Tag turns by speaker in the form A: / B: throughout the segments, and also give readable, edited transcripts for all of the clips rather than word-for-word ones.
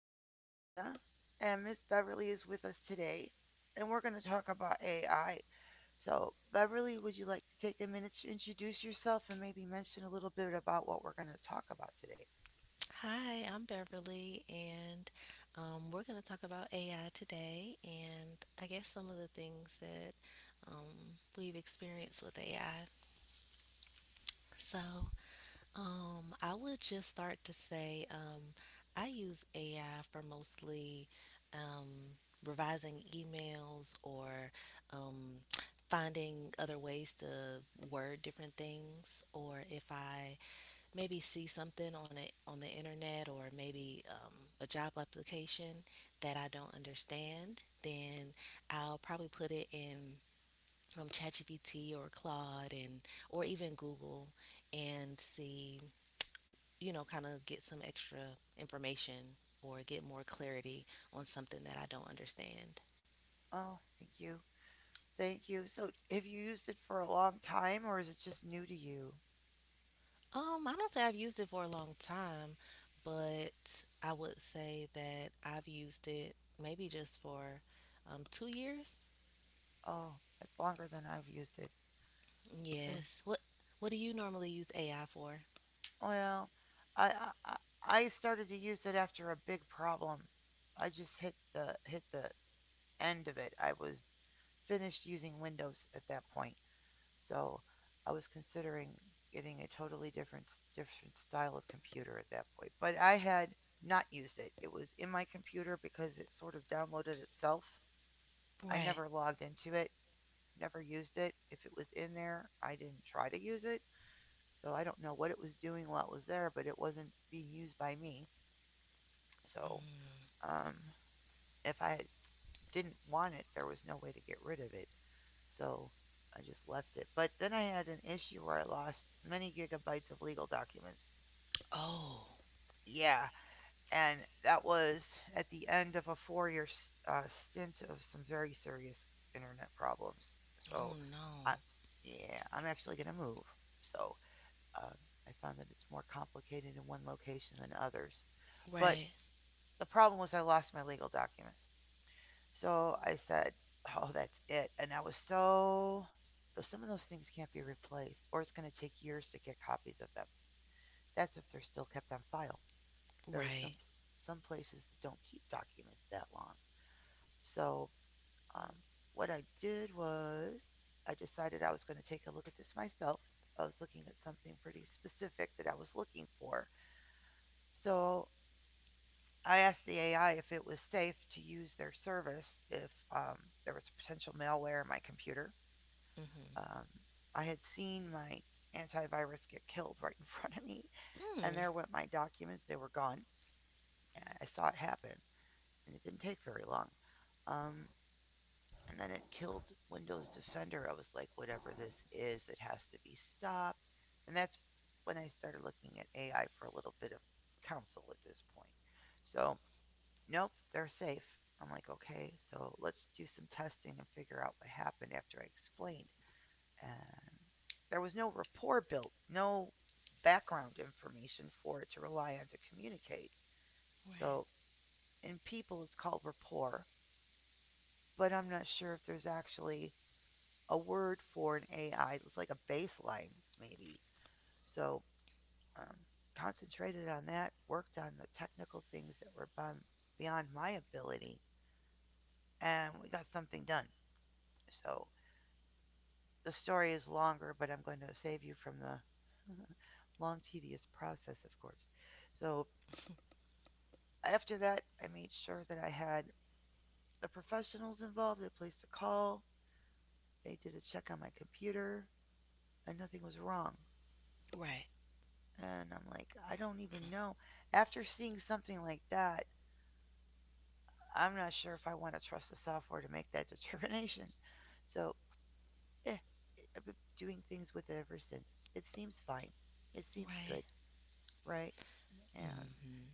A: name is Juliana, and Miss Beverly is with us today, and we're going to talk about AI. So, Beverly, would you like to take a minute to introduce yourself and maybe mention a little bit about what we're going to talk about today?
B: Hi, I'm Beverly, and we're going to talk about AI today, and I guess some of the things that um, we've experienced with AI. So, I would just start to say, I use AI for mostly um, revising emails or um, finding other ways to word different things, or if I maybe see something on it on the internet, or maybe a job application that I don't understand, then I'll probably put it in ChatGPT or Claude, and or even Google and see, kind of get some extra information or get more clarity on something that I don't understand.
A: Oh, thank you. Thank you. So, have you used it for a long time, or is it just new to you?
B: I don't say I've used it for a long time, but I would say that I've used it maybe just for 2 years.
A: Oh, it's longer than I've used it. And-
B: Yes. What do you normally use AI for?
A: Well, I started to use it after a big problem. I just hit the end of it. I was finished using Windows at that point, so I was considering getting a totally different style of computer at that point. But I had not used it. It was in my computer because it sort of downloaded itself. I
B: Right.
A: never logged into it. Never used it. If it was in there, I didn't try to use it. So I don't know what it was doing while it was there, but it wasn't being used by me. So um, if I didn't want it, there was no way to get rid of it. So I just left it. But then I had an issue where I lost many gigabytes of legal documents.
B: Oh.
A: Yeah, and that was at the end of a 4 year stint of some very serious internet problems. So,
B: Oh no.
A: I, yeah, I'm actually going to move. So, Um, I found that it's more complicated in one location than others. But
B: Right.
A: the problem was I lost my legal documents. So I said, oh, that's it. And I was so. So some of those things can't be replaced, or it's going to take years to get copies of them. That's if they're still kept on file. There are some
B: Right.
A: some places that don't keep documents that long. So um, what I did was I decided I was going to take a look at this myself. I was looking at something pretty specific that I was looking for. So I asked the AI if it was safe to use their service if there was a potential malware in my computer.
B: Mm-hmm.
A: Um, I had seen my antivirus get killed right in front of me, and
B: Mm.
A: there went my documents. They were gone. And I saw it happen, and it didn't take very long. Um, and then it killed Windows Defender. I was like, whatever this is, it has to be stopped. And that's when I started looking at AI for a little bit of counsel at this point. So nope, they're safe. I'm like, okay, so let's do some testing and figure out what happened after I explained. And there was no rapport built, no background information for it to rely on to communicate.
B: Right.
A: So in people, it's called rapport, but I'm not sure if there's actually a word for an AI. It's like a baseline, maybe. So um, concentrated on that, worked on the technical things that were beyond my ability, and we got something done. So the story is longer, but I'm going to save you from the long, tedious process, of course. So after that, I made sure that I had the professionals involved. They placed a call, they did a check on my computer, and nothing was wrong.
B: Right.
A: And I'm like, I don't even know. After seeing something like that, I'm not sure if I want to trust the software to make that determination. So, eh, I've been doing things with it ever since. It seems fine. It seems good,
B: Right.
A: right? And
B: Mm-hmm.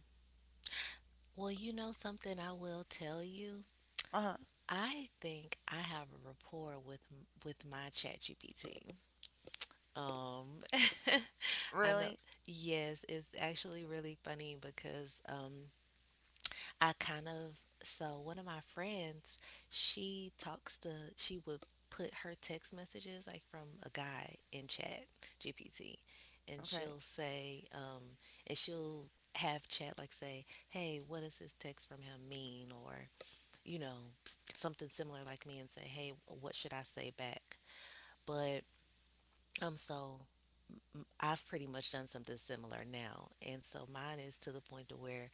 B: Well, something I will tell you,
A: uh huh.
B: I think I have a rapport with with my ChatGPT. Um, I know.
A: Really?
B: Yes, it's actually really funny because I kind of, so one of my friends, she talks to she would put her text messages, like from a guy, in Chat GPT, and
A: Okay.
B: she'll say and she'll have chat like say, hey, what does this text from him mean, or you know, something similar like me, and say, hey, what should I say back? But so I've pretty much done something similar now. And so mine is to the point to where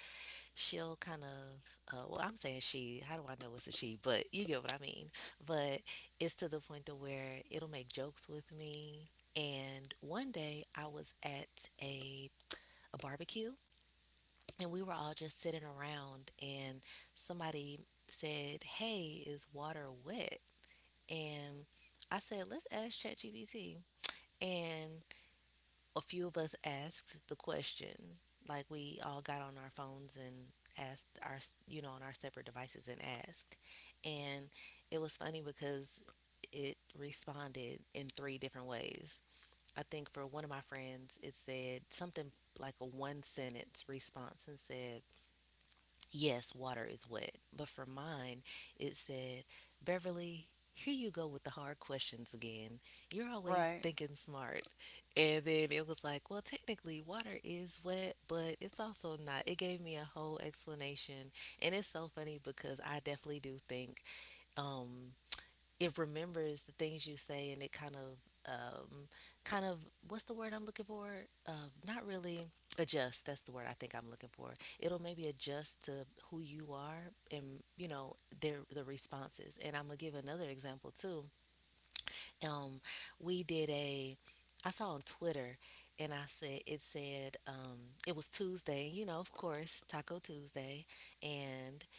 B: she'll kind of, well, I'm saying she, how do I know it's a she? But you get what I mean. But it's to the point to where it'll make jokes with me. And one day I was at a barbecue, and we were all just sitting around, and somebody said, hey, is water wet? And I said, let's ask ChatGPT. And a few of us asked the question. Like we all got on our phones and asked on our separate devices, and asked. And it was funny because it responded in three different ways. I think for one of my friends, it said something like a one sentence response and said, yes, water is wet. But for mine, it said, Beverly, here you go with the hard questions again. You're always
A: Right.
B: thinking smart. And then it was like, well, technically, water is wet, but it's also not. It gave me a whole explanation. And it's so funny because I definitely do think. Um, it remembers the things you say, and it kind of um kind of, what's the word I'm looking for? Not really adjust. That's the word I think I'm looking for. It'll maybe adjust to who you are, and the responses. And I'm gonna give another example too. Um, we did a, I saw on Twitter, and I said it was Tuesday. You know, of course, Taco Tuesday, and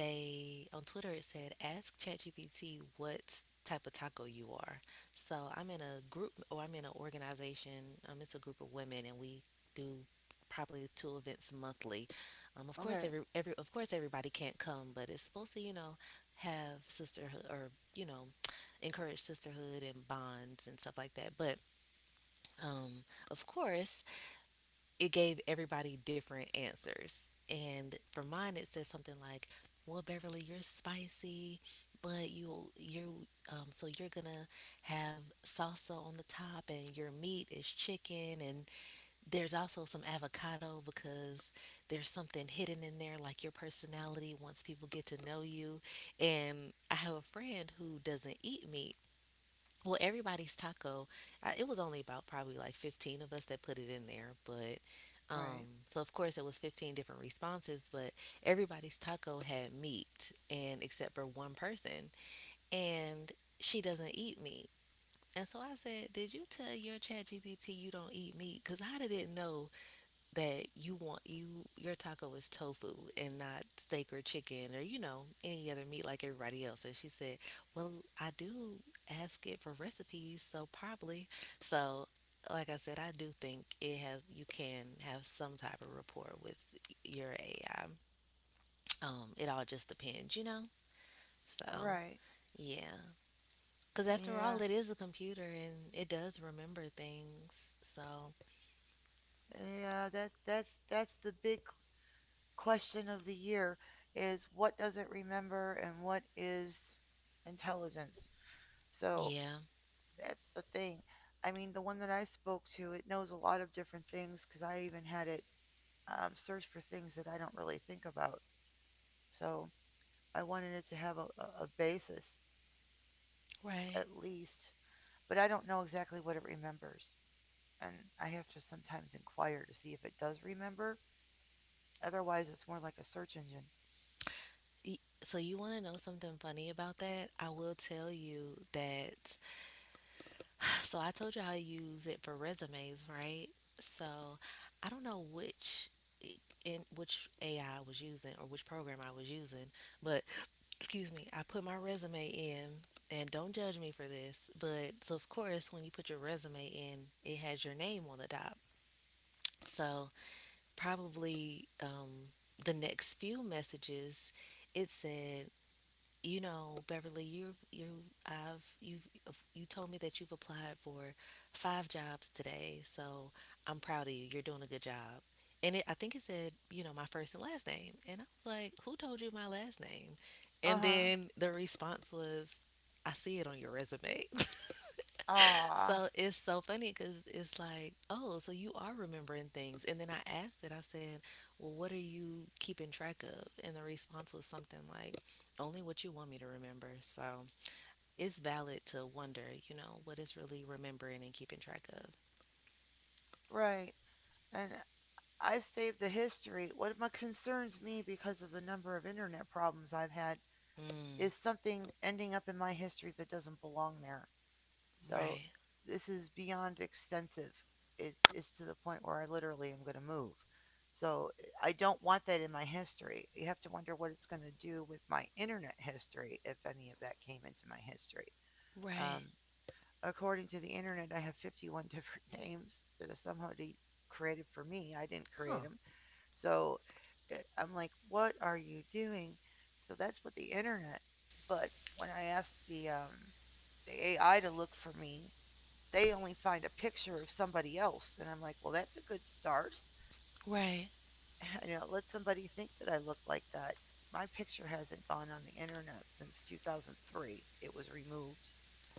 B: they on Twitter it said, ask ChatGPT what type of taco you are. So I'm in a group, or I'm in an organization. It's a group of women, and we do probably two events monthly. Of course
A: Okay.
B: every of course everybody can't come, but it's supposed to, have sisterhood, or you know encourage sisterhood and bonds and stuff like that. But um, of course it gave everybody different answers. And for mine, it said something like, "Well, Beverly, you're spicy, but you so you're gonna have salsa on the top, and your meat is chicken, and there's also some avocado because there's something hidden in there, like your personality. Once people get to know you, and I have a friend who doesn't eat meat, well, everybody's taco. I, it was only about probably like 15 of us that put it in there, but
A: Right.
B: so of course it was 15 different responses, but everybody's taco had meat, and except for one person, and she doesn't eat meat. And so I said, did you tell your ChatGPT you don't eat meat? Because I didn't know that you want you your taco is tofu and not steak or chicken, or any other meat like everybody else. And she said, well, I do ask it for recipes, so probably. So, like I said, I do think it has, you can have some type of rapport with your AI. It all just depends, you know. So,
A: Right.
B: yeah. Because after
A: Yeah.
B: all, it is a computer, and it does remember things. So,
A: Yeah. That's the big question of the year is what does it remember and what is intelligence. So
B: yeah.
A: that's the thing. I mean, the one that I spoke to, it knows a lot of different things because I even had it search for things that I don't really think about. So I wanted it to have a basis
B: Right.
A: at least, but I don't know exactly what it remembers. And I have to sometimes inquire to see if it does remember. Otherwise, it's more like a search engine.
B: So, you want to know something funny about that? I will tell you that. So, I told you I use it for resumes, right? So, I don't know which AI I was using, or which program I was using, but excuse me, I put my resume in, and don't judge me for this, but so of course when you put your resume in, it has your name on the top. So probably the next few messages, it said, "You know, Beverly, you told me that you've applied for 5 jobs today, so I'm proud of you. You're doing a good job." And it, I think it said, you know, my first and last name, and I was like, "Who told you my last name?"
A: Uh
B: And
A: huh.
B: then the response was, "I see it on your resume."
A: Ah,
B: So it's so funny because it's like, oh, so you are remembering things. And then I asked it, I said, well, what are you keeping track of? And the response was something like, only what you want me to remember. So it's valid to wonder, you know, what it's really remembering and keeping track of.
A: right. And I saved the history. What my concerns me because of the number of internet problems I've had
B: Mm.
A: is something ending up in my history that doesn't belong there. So
B: Right,
A: this is beyond extensive. It's to the point where I literally am going to move. So I don't want that in my history. You have to wonder what it's going to do with my internet history if any of that came into my history. Um,
B: right,
A: according to the internet, I have 51 different names that are somehow created for me. I didn't create
B: huh.
A: them. So I'm like, what are you doing? So that's what the internet. But when I asked the AI to look for me, they only find a picture of somebody else. And I'm like, well, that's a good start.
B: Right,
A: You know, let somebody think that I look like that. My picture hasn't gone on the internet since 2003. It was removed.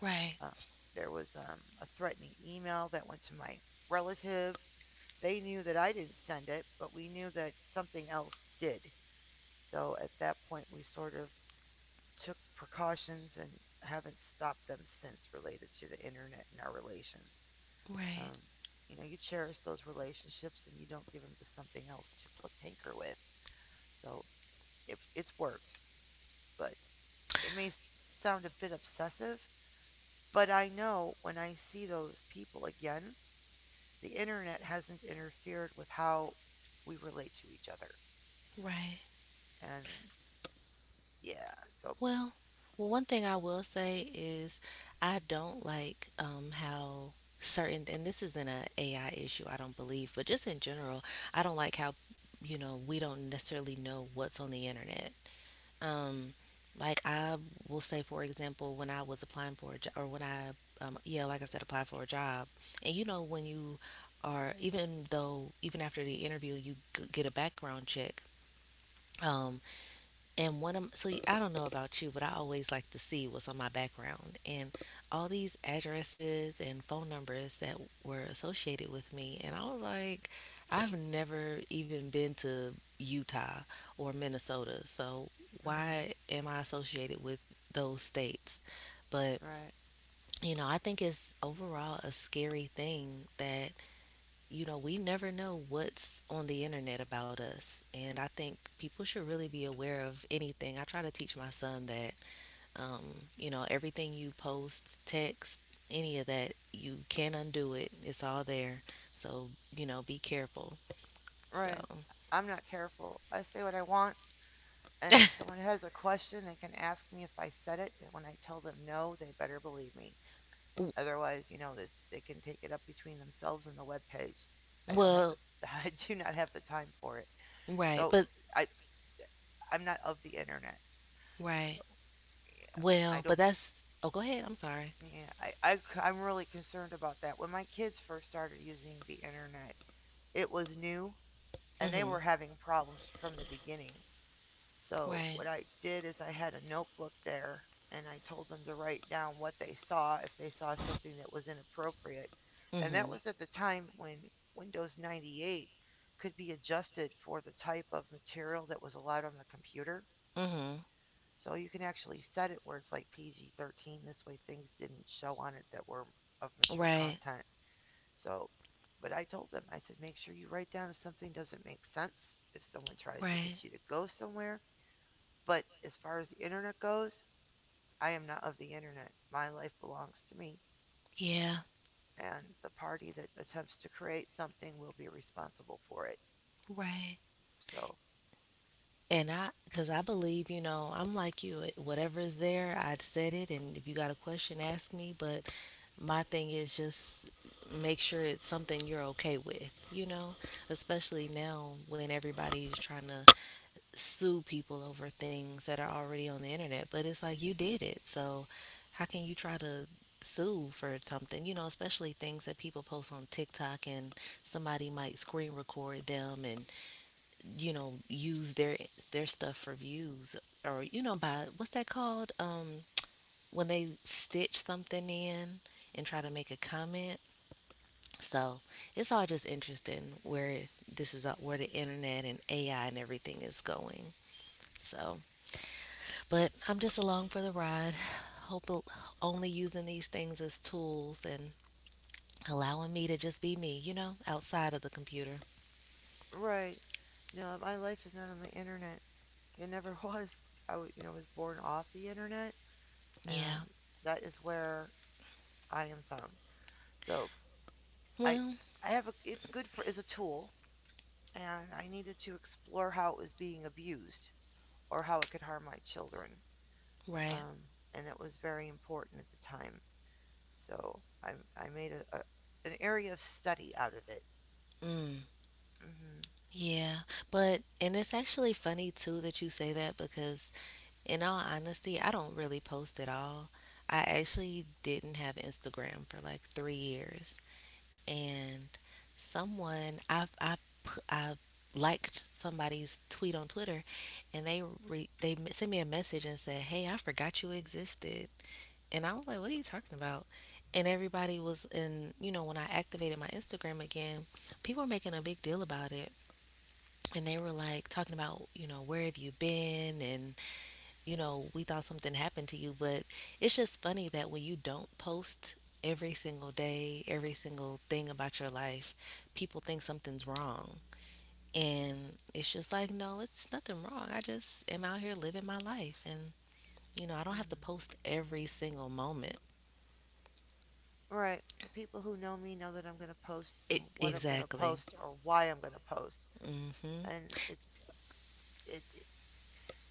B: right,
A: Uh, there was a threatening email that went to my relative. They knew that I didn't send it, but we knew that something else did. So at that point, we sort of took precautions and haven't stopped them since related to the internet and our relations.
B: right,
A: Um, you know, you cherish those relationships and you don't give them to something else to pl- tinker with. So it's worked, but it may sound a bit obsessive, but I know when I see those people again, the internet hasn't interfered with how we relate to each other.
B: right.
A: And yeah, so,
B: Well, well, one thing I will say is I don't like how certain, and this isn't a AI issue, I don't believe, but just in general, I don't like how, you know, we don't necessarily know what's on the internet. Um, like I will say, for example, when I was applying for a job, or when I, yeah, like I said, applied for a job, and you know, when you are, even though, even after the interview, you get a background check. um and one of, so you, I don't know about you, but I always like to see what's on my background and all these addresses and phone numbers that were associated with me. And I was like, I've never even been to Utah or Minnesota, so
A: mm-hmm,
B: why am I associated with those states? But
A: right,
B: you know, I think it's overall a scary thing that, you know, we never know what's on the internet about us. And I think people should really be aware of anything. I try to teach my son that, you know, everything you post, text, any of that, you can undo it. It's all there. So, you know, be careful. So,
A: right. I'm not careful. I say what I want, and if someone has a question, they can ask me if I said it. And when I tell them no, they better believe me.
B: w-
A: Otherwise, you know, that they can take it up between themselves and the web page. I don't have the
B: well,
A: I do not have the time for it.
B: right.
A: So
B: But,
A: I I'm not of the internet.
B: right.
A: So I
B: Well,
A: don't
B: but that's, oh, go ahead. I'm sorry.
A: yeah, I'm really concerned about that. When my kids first started using the internet, it was new and they
B: Mm-hmm.
A: were having problems from the beginning. So
B: Right.
A: what I did is I had a notebook there and I told them to write down what they saw if they saw something that was inappropriate. And that
B: Mm-hmm.
A: was at the time when Windows 98 could be adjusted for the type of material that was allowed on the computer.
B: Mm-hmm.
A: So you can actually set it where it's like PG 13. This way things didn't show on it that were of mature
B: Right.
A: content. So, but I told them, I said, make sure you write down if something doesn't make sense, if someone tries to
B: Right.
A: get you to go somewhere but as far as the internet goes, I am not of the internet. My life belongs to me,
B: Yeah.
A: and the party that attempts to create something will be responsible for it.
B: Right.
A: So,
B: And I, because I believe, you know, I'm like you. Whatever is there, I'd said it. And if you got a question, ask me. But my thing is just, make sure it's something you're okay with, you know? Especially now when everybody's trying to sue people over things that are already on the internet. But it's like you did it. So how can you try to sue for something, you know, especially things that people post on TikTok, and somebody might screen record them, and you know, use their stuff for views, or you know, by, what's that called, when they stitch something in and try to make a comment. So it's all just interesting where this is, where the internet and AI and everything is going. So, but I'm just along for the ride, hope, only using these things as tools, and allowing me to just be me, you know, outside of the computer.
A: right. No, my life is not on the internet. It never was. I w- you know, was born off the internet,
B: Yeah.
A: and that is where I am found. So, I
B: Well,
A: I have a, it's good for as a tool, and I needed to explore how it was being abused or how it could harm my children.
B: right.
A: um, and that was very important at the time. So I made a an area of study out of it.
B: Mm.
A: Hmm.
B: Yeah, but, and it's actually funny too that you say that, because in all honesty, I don't really post at all. I actually didn't have Instagram for like 3 years, and someone I pu- I liked somebody's tweet on Twitter, and they sent me a message and said, "Hey, I forgot you existed." And I was like, "What are you talking about?" And everybody was in, you know, when I activated my Instagram again, people were making a big deal about it, and they were like talking about, where have you been, and we thought something happened to you. But it's just funny that when you don't post every single day, every single thing about your life, people think something's wrong. And it's just like, no, it's nothing wrong, I just am out here living my life. And I don't have to
A: Hmm.
B: post every single moment.
A: All right, the people who know me know that I'm going to post
B: It,
A: and what I'm going to
B: exactly.
A: post or why I'm going to post,
B: Mhm.
A: and it. it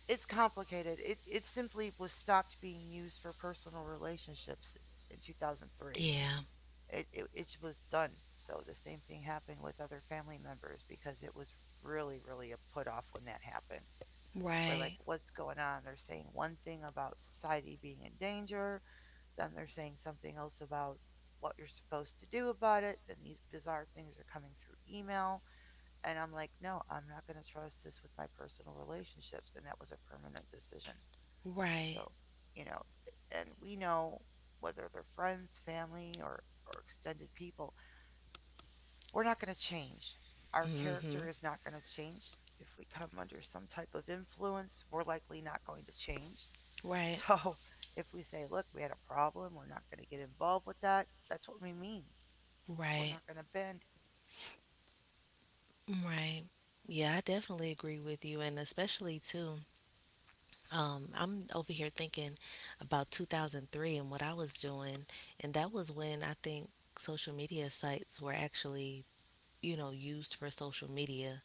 A: it's complicated. It simply was stopped being used for personal relationships in 2003.
B: Yeah.
A: It was done. So the same thing happened with other family members because it was really, really a put off when that happened. We're
B: Right,
A: like, what's going on? They're saying one thing about society being in danger, then they're saying something else about what you're supposed to do about it. Then these bizarre things are coming through email. And I'm like, no, I'm not going to trust this with my personal relationships. And that was a permanent decision.
B: right.
A: So, you know, and we know whether they're friends, family, or extended people, we're not going to change. Our
B: Mm mhm.
A: character is not going to change. If we come under some type of influence, we're likely not going to change.
B: Right.
A: So if we say, look, we had a problem, we're not going to get involved with that, that's what we mean. We're
B: Right.
A: not going to bend.
B: Right. Yeah, I definitely agree with you, and especially too. I'm over here thinking about 2003 and what I was doing, and that was when I think social media sites were actually, you know, used for social media.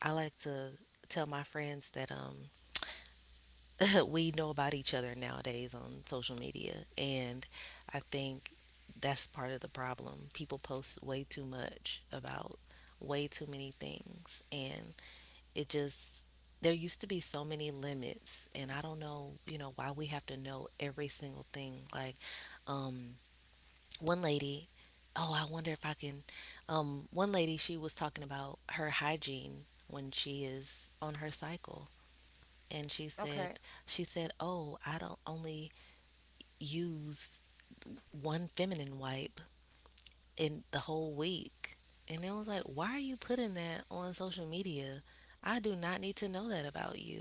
B: I like to tell my friends that we know about each other nowadays on social media. And I think that's part of the problem. People post way too much about way too many things. And it just, there used to be so many limits. And I don't know, you know, why we have to know every single thing. Like, um, one lady, oh, I wonder if I can. One lady, she was talking about her hygiene when she is on her cycle, and she said
A: Okay.
B: she said, "Oh, I don't only use one feminine wipe in the whole week." And it was like, "Why are you putting that on social media? I do not need to know that about you."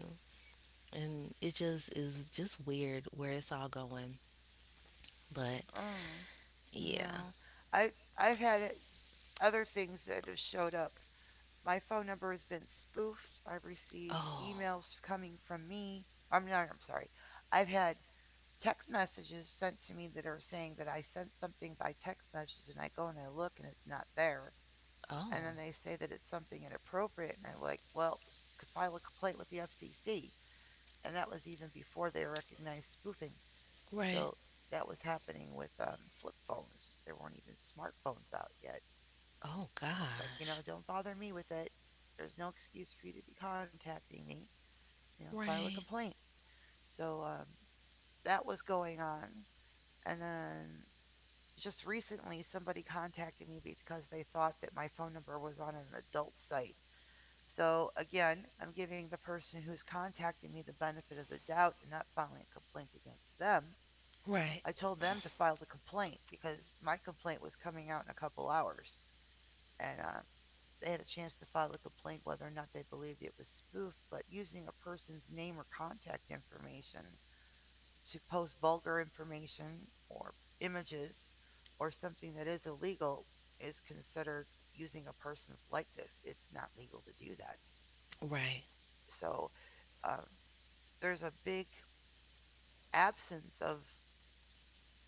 B: And it just is just weird where it's all going. But
A: Oh,
B: yeah.
A: no. I I've had other things that have showed up. My phone number has been spoofed. I've received
B: Oh,
A: emails coming from me. I'm not, I'm sorry. I've had text messages sent to me that are saying that I sent something by text message and I go and I look and it's not there. And
B: oh,
A: then they say that it's something inappropriate, and I'm like, well, could file a complaint with the FCC, and that was even before they recognized spoofing.
B: right.
A: So that was happening with flip phones. There weren't even smartphones out yet.
B: Oh
A: So I'm like, you know,
B: gosh.
A: don't bother me with it. There's no excuse for you to be contacting me. You know, file a
B: Right.
A: complaint. So that was going on, and then just recently somebody contacted me because they thought that my phone number was on an adult site. So again, I'm giving the person who's contacting me the benefit of the doubt and not filing a complaint against them.
B: Right,
A: I told them to file the complaint because my complaint was coming out in a couple hours, and they had a chance to file a complaint whether or not they believed it was spoofed. But using a person's name or contact information to post vulgar information or images or something that is illegal is considered using a person's likeness. It's not legal to do that.
B: right.
A: So um, there's a big absence of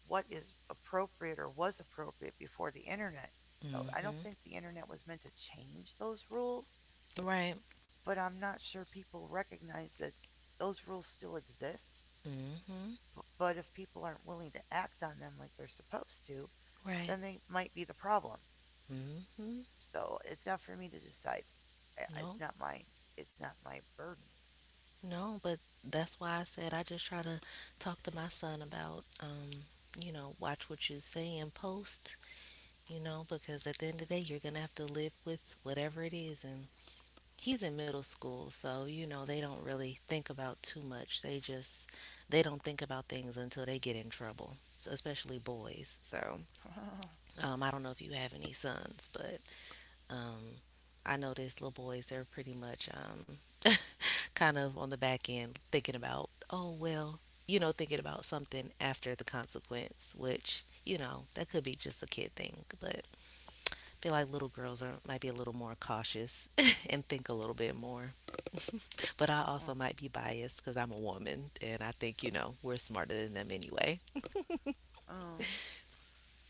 A: what is appropriate or was appropriate before the internet. So I don't
B: Mhm.
A: think the internet was meant to change those rules,
B: Right.
A: but I'm not sure people recognize that those rules still exist.
B: Mhm.
A: But if people aren't willing to act on them like they're supposed to,
B: Right.
A: then they might be the problem.
B: Mhm.
A: So it's not for me to decide. It's
B: Nope.
A: not my it's not my burden.
B: No, but that's why I said I just try to talk to my son about, you know, watch what you say and post, you know, because at the end of the day, you're going to have to live with whatever it is. And he's in middle school, so, you know, they don't really think about too much. They just, they don't think about things until they get in trouble, especially boys. So I don't know if you have any sons. But um, I noticed little boys, they're pretty much kind of on the back end thinking about, oh, well, you know, thinking about something after the consequence, which, you know, that could be just a kid thing. But I feel like little girls are, might be a little more cautious and think a little bit more. But I also might be biased because I'm a woman, and I think, you know, we're smarter than them anyway.
A: Oh.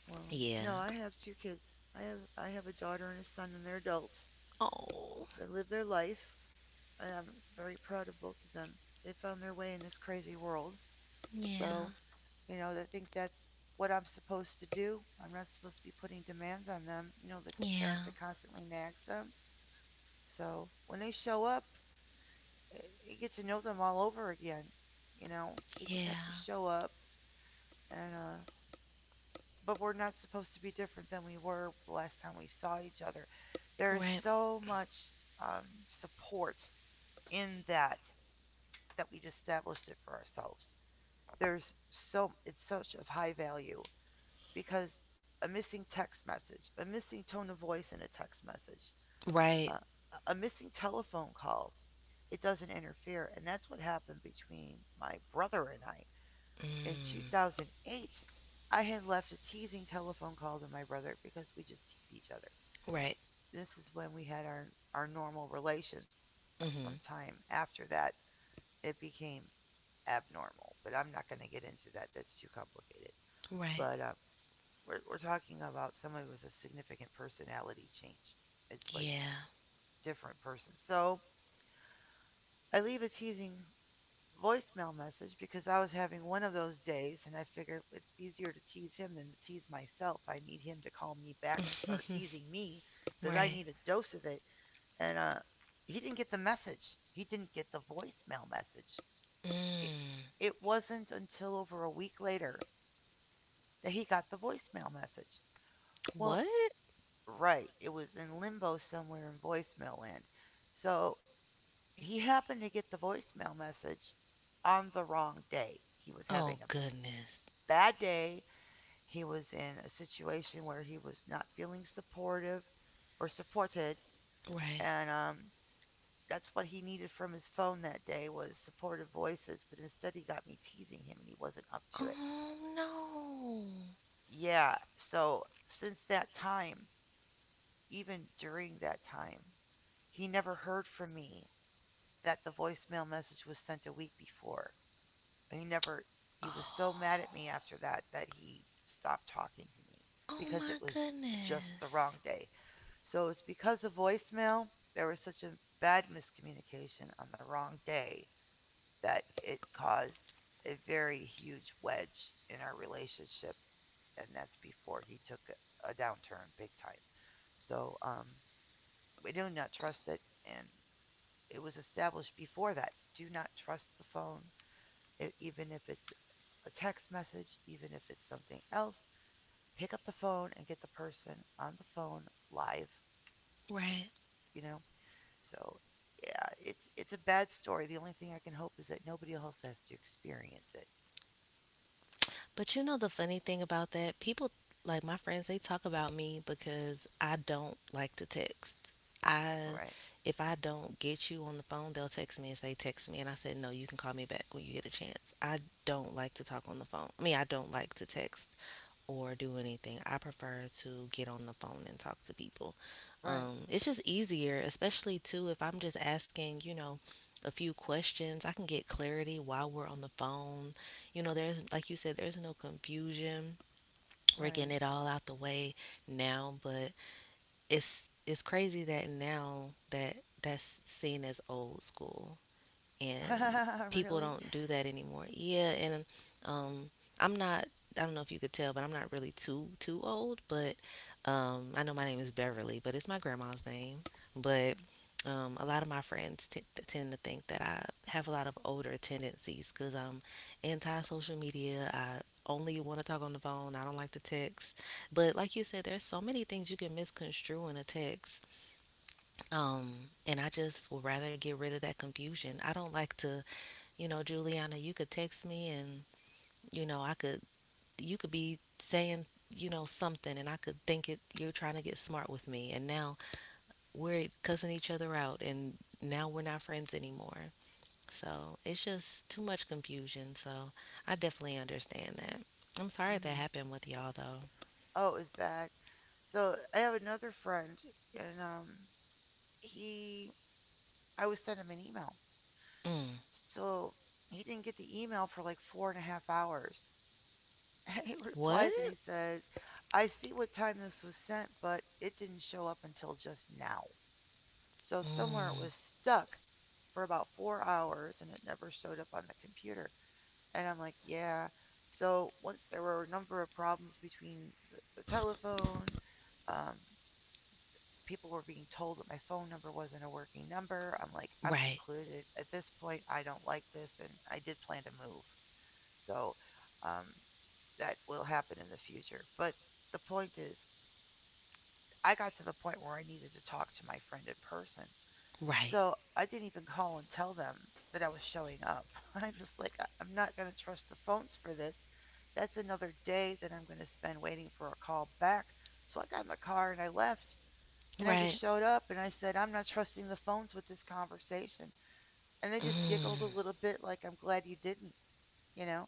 A: Well,
B: Yeah.
A: no, I have two kids. I have a daughter and a son, and they're adults.
B: Oh,
A: They live their life, and I'm very proud of both of them. They found their way in this crazy world.
B: yeah,
A: So, you know, I think that's what I'm supposed to do. I'm not supposed to be putting demands on them, you know, like the parent
B: yeah,
A: that constantly nags them. So, when they show up, eh, you get to know them all over again. You know, they just have to
B: yeah.
A: show up and but we're not supposed to be different than we were last time we saw each other. There is
B: Right.
A: so much um, support in that that we just established it for ourselves. There's so it's such of high value because a missing text message, a missing tone of voice in a text message,
B: Right.
A: uh, a missing telephone call, it doesn't interfere, and that's what happened between my brother and I in
B: Mm,
A: 2008. I had left a teasing telephone call to my brother because we just tease each other.
B: right.
A: This is when we had our normal relations.
B: Mm-hmm.
A: Sometime after that, it became abnormal, but I'm not going to get into that. That's too complicated.
B: Right.
A: But we're talking about somebody with a significant personality change. It's like
B: Yeah.
A: different person. So I leave a teasing voicemail message because I was having one of those days and I figured it's easier to tease him than to tease myself. I need him to call me back and start teasing me because I
B: Right.
A: need a dose of it. And he didn't get the message, he didn't get the voicemail message. It,
B: Mm.
A: it wasn't until over a week later that he got the voicemail message. Well,
B: What?
A: right, it was in limbo somewhere in voicemail land. So he happened to get the voicemail message on the wrong day. He was
B: Oh
A: having a
B: goodness.
A: bad day. He was in a situation where he was not feeling supportive or supported,
B: Right.
A: and that's what he needed from his phone that day was supportive voices. But instead, he got me teasing him, and he wasn't up to it.
B: Oh no.
A: Yeah. So since that time, even during that time, he never heard from me that the voicemail message was sent a week before. He never. He was so mad at me
B: Oh.
A: after that that he stopped talking to me
B: Oh
A: because
B: my
A: it was just the
B: goodness.
A: wrong day. So it's because of voicemail, there was such a bad miscommunication on the wrong day that it caused a very huge wedge in our relationship. And that's before he took a downturn big time. So we do not trust it. And it was established before that. Do not trust the phone, even if it's a text message, even if it's something else. Pick up the phone and get the person on the phone live,
B: Right.
A: you know. So, yeah, it's a bad story. The only thing I can hope is that nobody else has to experience it.
B: But you know the funny thing about that? People like my friends, they talk about me because I don't like to text. I,
A: Right,
B: if I don't get you on the phone, they'll text me and say text me, and I said no, you can call me back when you get a chance. I don't like to talk on the phone. I mean, I don't like to text or do anything. I prefer to get on the phone and talk to people.
A: right,
B: It's just easier, especially too if I'm just asking, you know, a few questions. I can get clarity while we're on the phone. You know, there's, like you said, there's no confusion. We're getting
A: right.
B: it all out the way now. But it's crazy that now that that's seen as old school, and people
A: Really?
B: don't do that anymore. Yeah, and um, I'm not. I don't know if you could tell, but I'm not really too old. But I know my name is Beverly, but it's my grandma's name. But a lot of my friends tend to think that I have a lot of older tendencies because I'm anti social media. I only want to talk on the phone. I don't like to text. But like you said, there's so many things you can misconstrue in a text. Um, and I just would rather get rid of that confusion. I don't like to, you know, Juliana, you could text me, and, you know, I could, you could be saying, you know, something, and I could think it, you're trying to get smart with me. And now we're cussing each other out, and now we're not friends anymore. So it's just too much confusion. So I definitely understand that. I'm sorry that
A: Mm-hmm.
B: happened with y'all though.
A: Oh, it was bad. So I have another friend, and he I was sent him an email.
B: Mm.
A: So he didn't get the email for like 4.5 hours. He
B: What?
A: replies and he says, "I see what time this was sent, but it didn't show up until just now." So somewhere it
B: Mm.
A: was stuck for about 4 hours and it never showed up on the computer. And I'm like, yeah. So once there were a number of problems between the telephone, um, people were being told that my phone number wasn't a working number. I'm like, I'm
B: Right.
A: secluded. At this point, I don't like this. And I did plan to move. So um, that will happen in the future. But the point is, I got to the point where I needed to talk to my friend in person.
B: Right.
A: So I didn't even call and tell them that I was showing up. I'm just like, "I am not going to trust the phones for this. That's another day that I'm going to spend waiting for a call back. So I got in the car and I left. And I just
B: Right.
A: showed up and I said, I'm not trusting the phones with this conversation. And they just giggled a
B: Mm.
A: little bit, like, I'm glad you didn't, you know?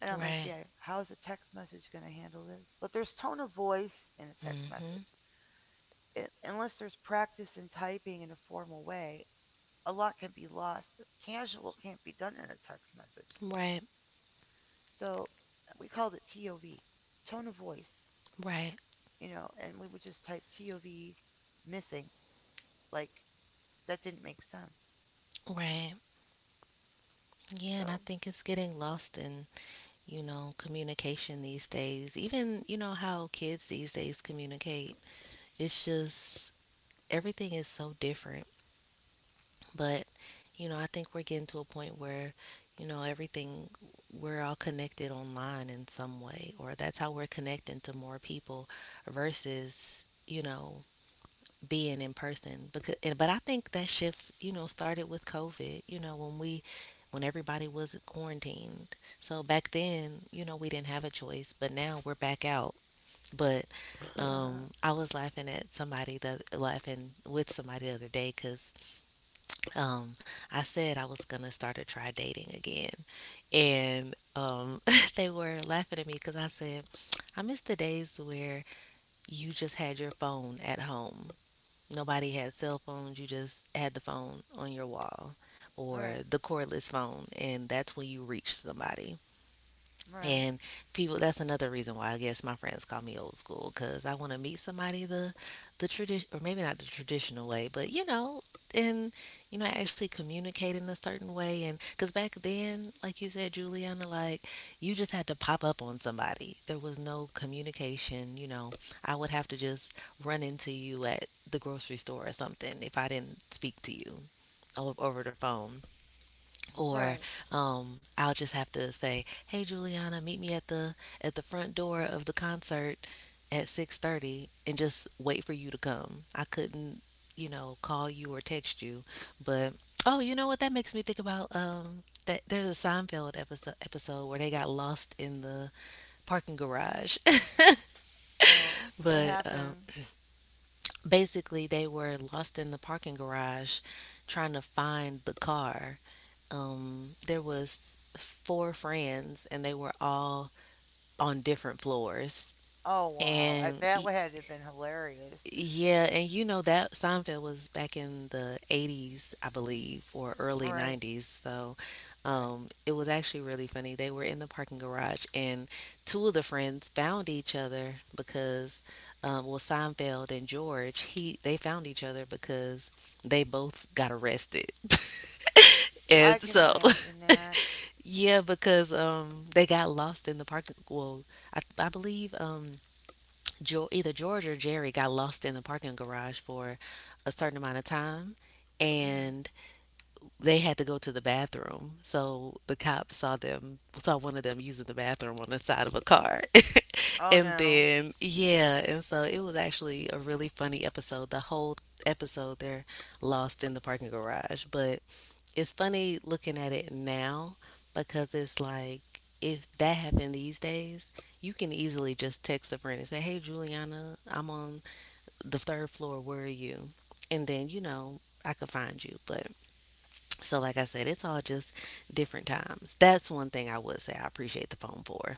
A: And I'm like,
B: Right.
A: yeah, how's a text message going to handle this? But there's tone of voice in a text
B: Mm-hmm.
A: message. I unless there's practice in typing in a formal way, a lot can be lost. Casual can't be done in a text message.
B: Right.
A: So we called it TOV, tone of voice,
B: Right.
A: you know, and we would just type TOV missing. Like, that didn't make sense.
B: Right. Yeah, and
A: So,
B: I think it's getting lost in, you know, communication these days. Even, you know, how kids these days communicate. It's just everything is so different. But, you know, I think we're getting to a point where, you know, everything, we're all connected online in some way, or that's how we're connecting to more people versus, you know, being in person. But I think that shift, you know, started with COVID, you know, when we when everybody was quarantined. So back then, you know, we didn't have a choice, but now we're back out. But I was laughing at somebody the laughing with somebody the other day cuz um I said I was going to start to try dating again. And they were laughing at me cuz I said I miss the days where you just had your phone at home. Nobody had cell phones. You just had the phone on your wall
A: right,
B: or the cordless phone, and that's when you reached somebody.
A: right,
B: And people, that's another reason why I guess my friends call me old school, because I want to meet somebody the tradition, or maybe not the traditional way, but you know, and you know, actually communicate in a certain way. And because back then, like you said, Juliana, like you just had to pop up on somebody, there was no communication. You know, I would have to just run into you at the grocery store or something if I didn't speak to you over the phone
A: right.
B: or I'll just have to say, "Hey Juliana, meet me at the front door of the concert at 6:30 and just wait for you to come." I couldn't, you know, call you or text you. But oh, you know what that makes me think about, that there's a Seinfeld episode where they got lost in the parking garage.
A: Oh, what
B: But
A: happened?
B: basically, they were lost in the parking garage trying to find the car. There was four friends, and they were all on different floors.
A: Oh, wow. I,
B: And
A: that would have been hilarious.
B: yeah, and you know that Seinfeld was back in the 80s, I believe, or early
A: Right,
B: 90s. So,
A: right.
B: it was actually really funny. They were in the parking garage, and two of the friends found each other because, well, Seinfeld and George, he they found each other because they both got arrested.
A: I
B: And
A: can
B: so,
A: imagine that.
B: yeah, because they got lost in the parking. I believe either George or Jerry got lost in the parking garage for a certain amount of time,
A: Hmm.
B: and they had to go to the bathroom. So the cops saw them, saw one of them using the bathroom on the side of a car.
A: Oh,
B: And
A: no.
B: then, yeah, and so it was actually a really funny episode. The whole episode, they're lost in the parking garage. But it's funny looking at it now because it's like, if that happened these days, you can easily just text a friend and say, "Hey, Juliana, I'm on the third floor. Where are you?" And then, you know, I could find you. But so, like I said, it's all just different times. That's one thing I would say I appreciate the phone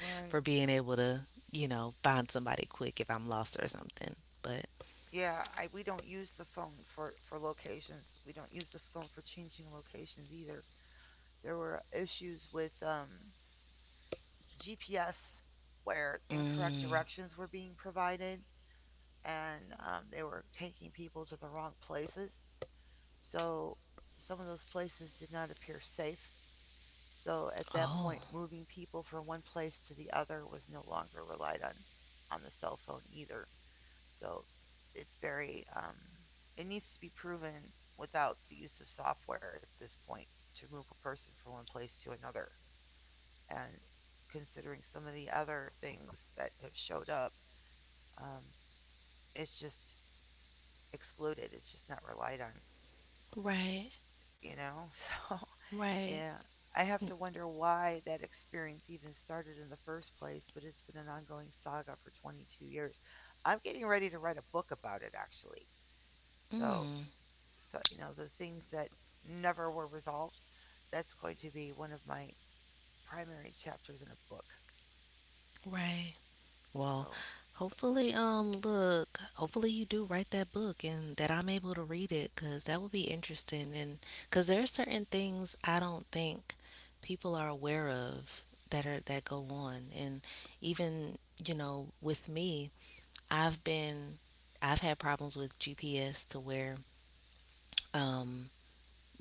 A: Right.
B: for being able to, you know, find somebody quick if I'm lost or something. But,
A: Yeah, I we don't use the phone for locations. We don't use the phone for changing locations either. There were issues with GPS where incorrect
B: mm,
A: directions were being provided, and they were taking people to the wrong places. So some of those places did not appear safe. So at that
B: oh,
A: point, moving people from one place to the other was no longer relied on the cell phone either. So it's very it needs to be proven without the use of software at this point to move a person from one place to another. And considering some of the other things that have showed up, um, it's just excluded. It's just not relied on,
B: right.
A: you know. So
B: Right.
A: yeah, I have to wonder why that experience even started in the first place. But it's been an ongoing saga for 22 years. I'm getting ready to write a book about it, actually. So
B: Mm,
A: so you know the things that never were resolved that's going to be one of my primary chapters in a book.
B: right. Well,
A: So
B: hopefully, look, hopefully you do write that book and that I'm able to read it, because that would be interesting. And because there are certain things I don't think people are aware of that are that go on. And even, you know, with me, I've been, I've had problems with GPS to where, um,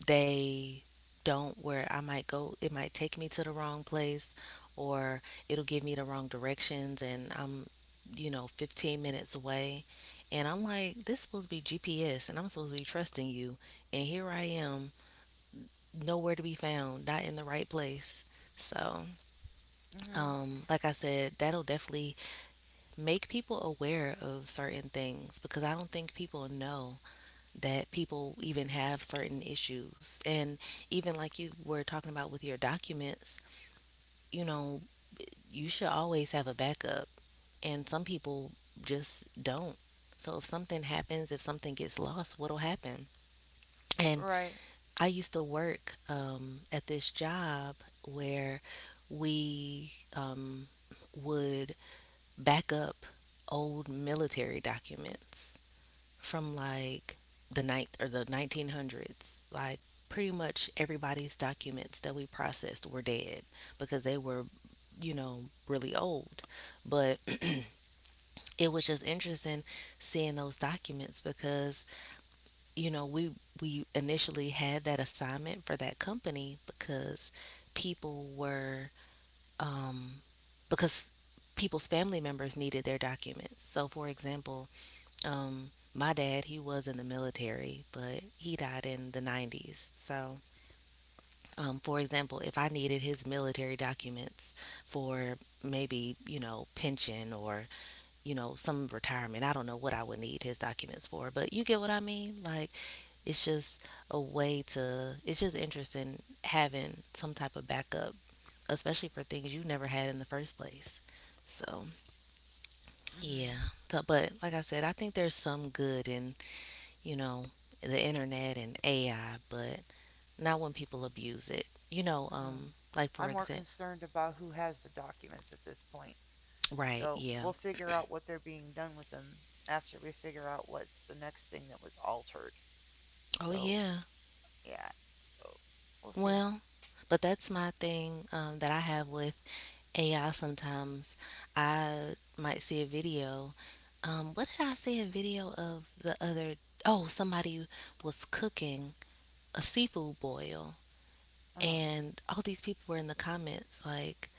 B: they don't, where I might go, it might take me to the wrong place, or it'll give me the wrong directions, and I'm, you know, 15 minutes away, and I'm like, this is supposed to be GPS, and I'm supposed to be trusting you, and here I am, nowhere to be found, not in the right place. So
A: hmm
B: like I said, that'll definitely make people aware of certain things, because I don't think people know that people even have certain issues. And even like you were talking about with your documents, you know, you should always have a backup. And some people just don't. So if something happens, if something gets lost, what'll happen? And
A: right
B: I used to work at this job where we would back up old military documents from like the ninth or the 1900s, like pretty much everybody's documents that we processed were dead because they were, really old. But it was just interesting seeing those documents because you know we we initially had that assignment for that company because people were um because people's family members needed their documents. So for example, my dad, he was in the military, but he died in the 90s. So, for example, if I needed his military documents for maybe, you know, pension or, you know, some retirement, I don't know what I would need his documents for, but you get what I mean? Like, it's just a way to, it's just interesting having some type of backup, especially for things you never had in the first place. So,
A: hmm
B: yeah. So, but like I said, I think there's some good in, you know, the internet and AI, but not when people abuse it. You know,
A: mm
B: like for
A: I'm more
B: example,
A: concerned about who has the documents at this point,
B: right?
A: so
B: Yeah.
A: we'll figure out what they're being done with them after we figure out what's the next thing that was altered.
B: Oh
A: So
B: yeah.
A: yeah, so we'll see.
B: Well, but that's my thing, that I have with AI. Sometimes I might see a video. What did I see a video of the other? Oh, somebody was cooking a seafood boil,
A: Uh-huh.
B: and all these people were in the comments like,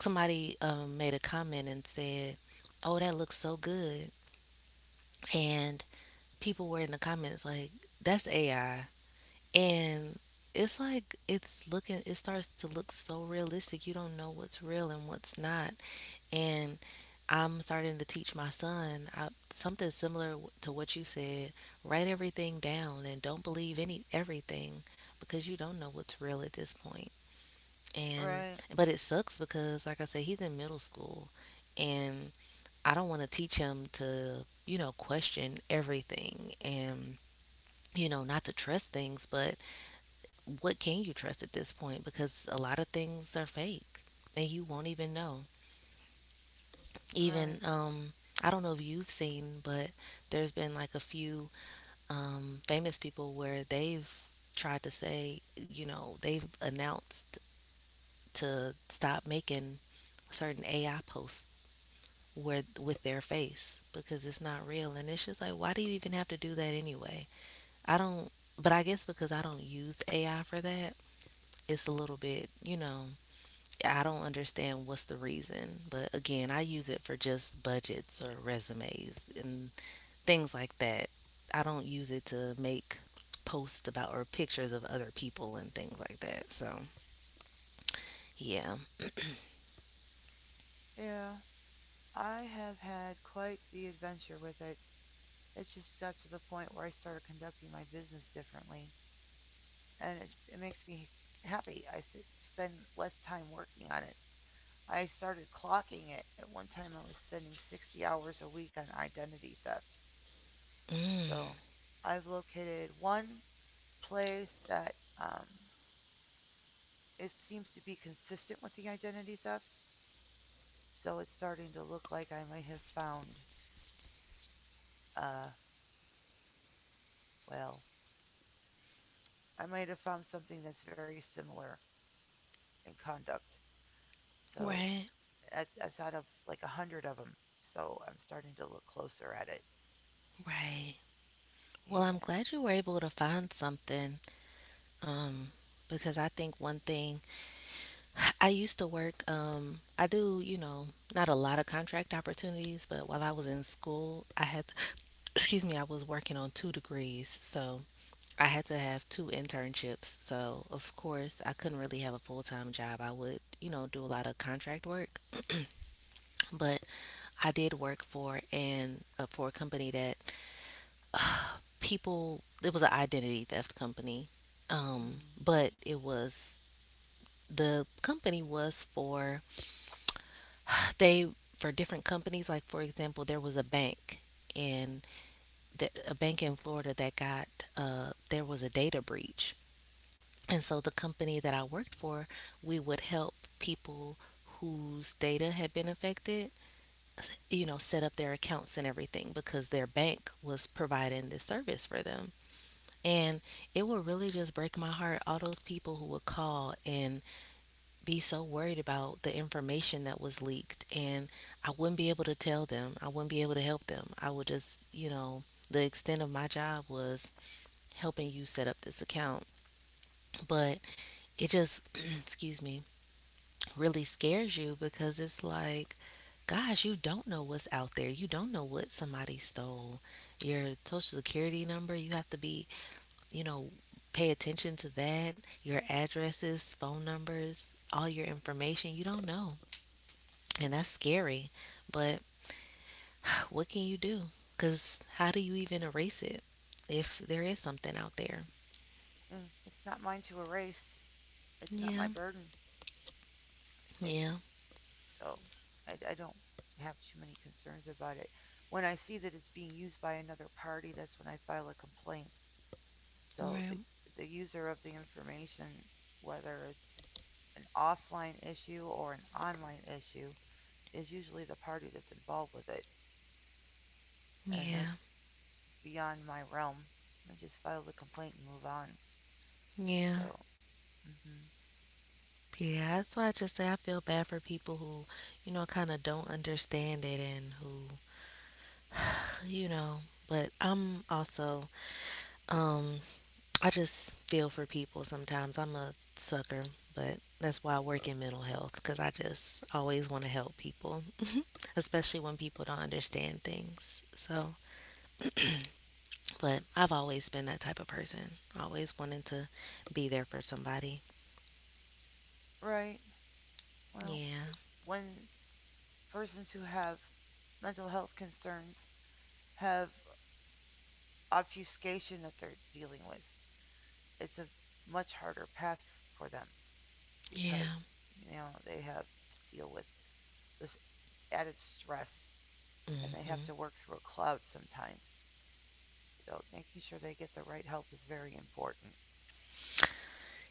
B: somebody made a comment and said, "Oh, that looks so good," and people were in the comments like, "That's AI," and it's like it's looking. It starts to look so realistic. You don't know what's real and what's not, and I'm starting to teach my son something similar to what you said. Write everything down and don't believe any everything because you don't know what's real at this point. And
A: Right,
B: but it sucks because like I said, he's in middle school, and I don't want to teach him to, you know, question everything and, you know, not to trust things. But what can you trust at this point? Because a lot of things are fake and you won't even know.
A: right.
B: Even I don't know if you've seen, but there's been like a few famous people where they've tried to say you know they've announced to stop making certain AI posts where with their face because it's not real. And it's just like, why do you even have to do that anyway? I don't. But I guess because I don't use AI for that, it's a little bit, you know, I don't understand what's the reason. But again, I use it for just budgets or resumes and things like that. I don't use it to make posts about or pictures of other people and things like that, so yeah.
A: Yeah, I have had quite the adventure with it. It just got to the point where I started conducting my business differently, and it makes me happy. I spend less time working on it. I started clocking it. At one time, I was spending 60 hours a week on identity theft. So I've located one place that um, it seems to be consistent with the identity theft. So it's starting to look like I might have found, uh, well, I might have found something that's very similar in conduct. So
B: Right.
A: that's out of like a hundred of them. So I'm starting to look closer at it.
B: Right. Well, I'm
A: Yeah.
B: glad you were able to find something. um, because I think one thing, I used to work. I do, you know, not a lot of contract opportunities, but while I was in school, I had, excuse me, I was working on two degrees, so I had to have two internships. So of course, I couldn't really have a full time job. I would, you know, do a lot of contract work, but I did work for and for a company that people. It was an identity theft company,
A: Mm.
B: but it was, the company was they for different companies. Like for example, there was a bank in the, a bank in Florida that got, there was a data breach, and so the company that I worked for, we would help people whose data had been affected, you know, set up their accounts and everything because their bank was providing this service for them. And it would really just break my heart, all those people who would call and be so worried about the information that was leaked. And I wouldn't be able to tell them. I wouldn't be able to help them. I would just, you know, the extent of my job was helping you set up this account. But it just, excuse me, really scares you because it's like, gosh, you don't know what's out there. You don't know what somebody stole. Your social security number, you have to be, you know, pay attention to that. Your addresses, phone numbers, all your information, you don't know. And that's scary. But what can you do? Because how do you even erase it if there is something out there?
A: Mm. It's not mine to erase. It's not my
B: Yeah.
A: burden. It's
B: Yeah.
A: so I don't have too many concerns about it. When I see that it's being used by another party, that's when I file a complaint. So
B: Right.
A: the user of the information, whether it's an offline issue or an online issue, is usually the party that's involved with it. And that's
B: Yeah.
A: beyond my realm. I just file the complaint and move on.
B: Yeah.
A: So, mhm.
B: Yeah. That's why I just say I feel bad for people who, you know, kind of don't understand it and who, you know, but I'm also, um, I just feel for people sometimes. I'm a sucker, but that's why I work in mental health because I just always want to help people, especially when people don't understand things. So, but I've always been that type of person, always wanting to be there for somebody.
A: Right. Well,
B: Yeah,
A: it, when persons who have mental health concerns have obfuscation that they're dealing with, it's a much harder path for them because,
B: yeah,
A: they have to deal with this added stress
B: mm
A: and they
B: hmm,
A: have to work through a cloud sometimes. So, making sure they get the right help is very important.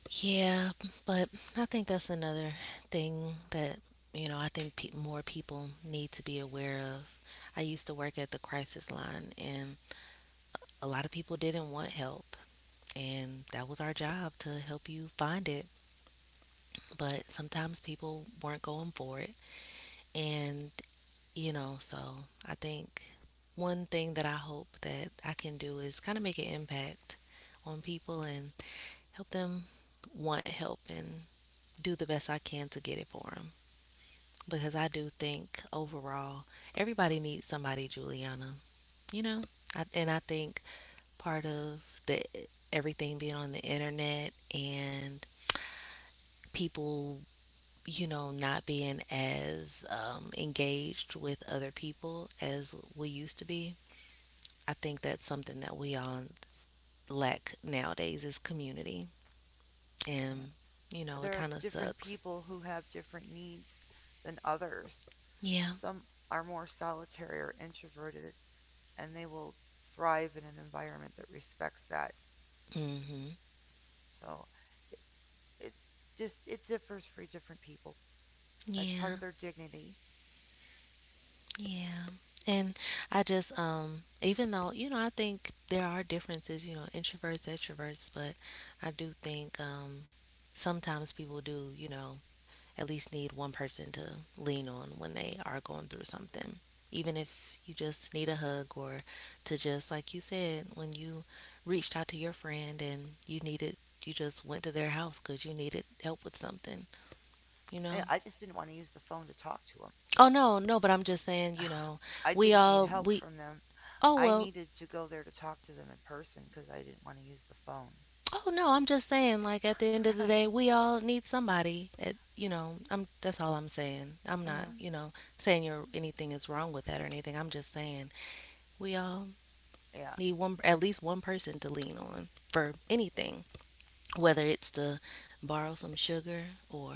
B: yeah. But I think that's another thing that, you know, I think more people need to be aware of. I used to work at the crisis line, and a lot of people didn't want help, and that was our job to help you find it. But sometimes people weren't going for it, and, you know, so I think one thing that I hope that I can do is kind of make an impact on people and help them want help and do the best I can to get it for them. Because I do think overall, everybody needs somebody, Juliana. You know, and I think part of the everything being on the internet and people, you know, not being as engaged with other people as we used to be, I think that's something that we all lack nowadays, is community.
A: Yeah.
B: And, you know, it
A: There are
B: kind of
A: different
B: sucks.
A: people who have different needs than others.
B: Yeah.
A: Some are more solitary or introverted, and they will thrive in an environment that respects that.
B: Mhm.
A: So it, it just it differs for different people. That's part of
B: Yeah.
A: their dignity.
B: Yeah. And I just even though, you know, I think there are differences, you know, introverts, extroverts, but I do think sometimes people do, you know, at least need one person to lean on when they are going through something. Even if you just need a hug or to just, like you said, when you reached out to your friend and you needed, you just went to their house because you needed help with something, you
A: And
B: know?
A: I just didn't want to use the phone to talk to them.
B: Oh, no, no, but I'm just saying, you know,
A: I
B: we
A: didn't need
B: all,
A: help
B: we,
A: from them.
B: oh,
A: I
B: well,
A: needed to go there to talk to them in person because I didn't want to use the phone.
B: oh, no, I'm just saying, like, at the end of the day, we all need somebody. You know, that's all I'm saying. I'm not,
A: Yeah,
B: you know, saying anything is wrong with that or anything. I'm just saying we all
A: yeah,
B: need, one, at least one person to lean on for anything, whether it's to borrow some sugar or,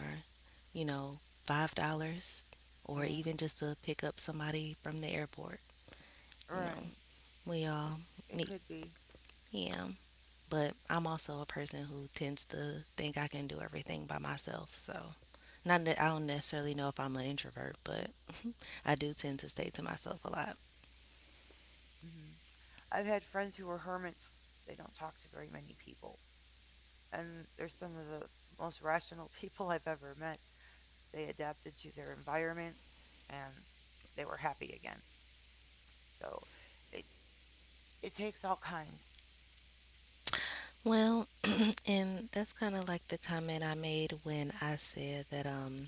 B: you know, $5 or even
A: yeah.
B: just to pick up somebody from the airport, you know.
A: Right.
B: We
A: It
B: all
A: it
B: need,
A: could be.
B: yeah. But I'm also a person who tends to think I can do everything by myself, so not that I don't necessarily know if I'm an introvert, but I do tend to stay to myself a lot.
A: Mm hmm. I've had friends who were hermits. They don't talk to very many people. And they're some of the most rational people I've ever met. They adapted to their environment and they were happy again. So it, it takes all kinds.
B: Well, and that's kind of like the comment I made when I said that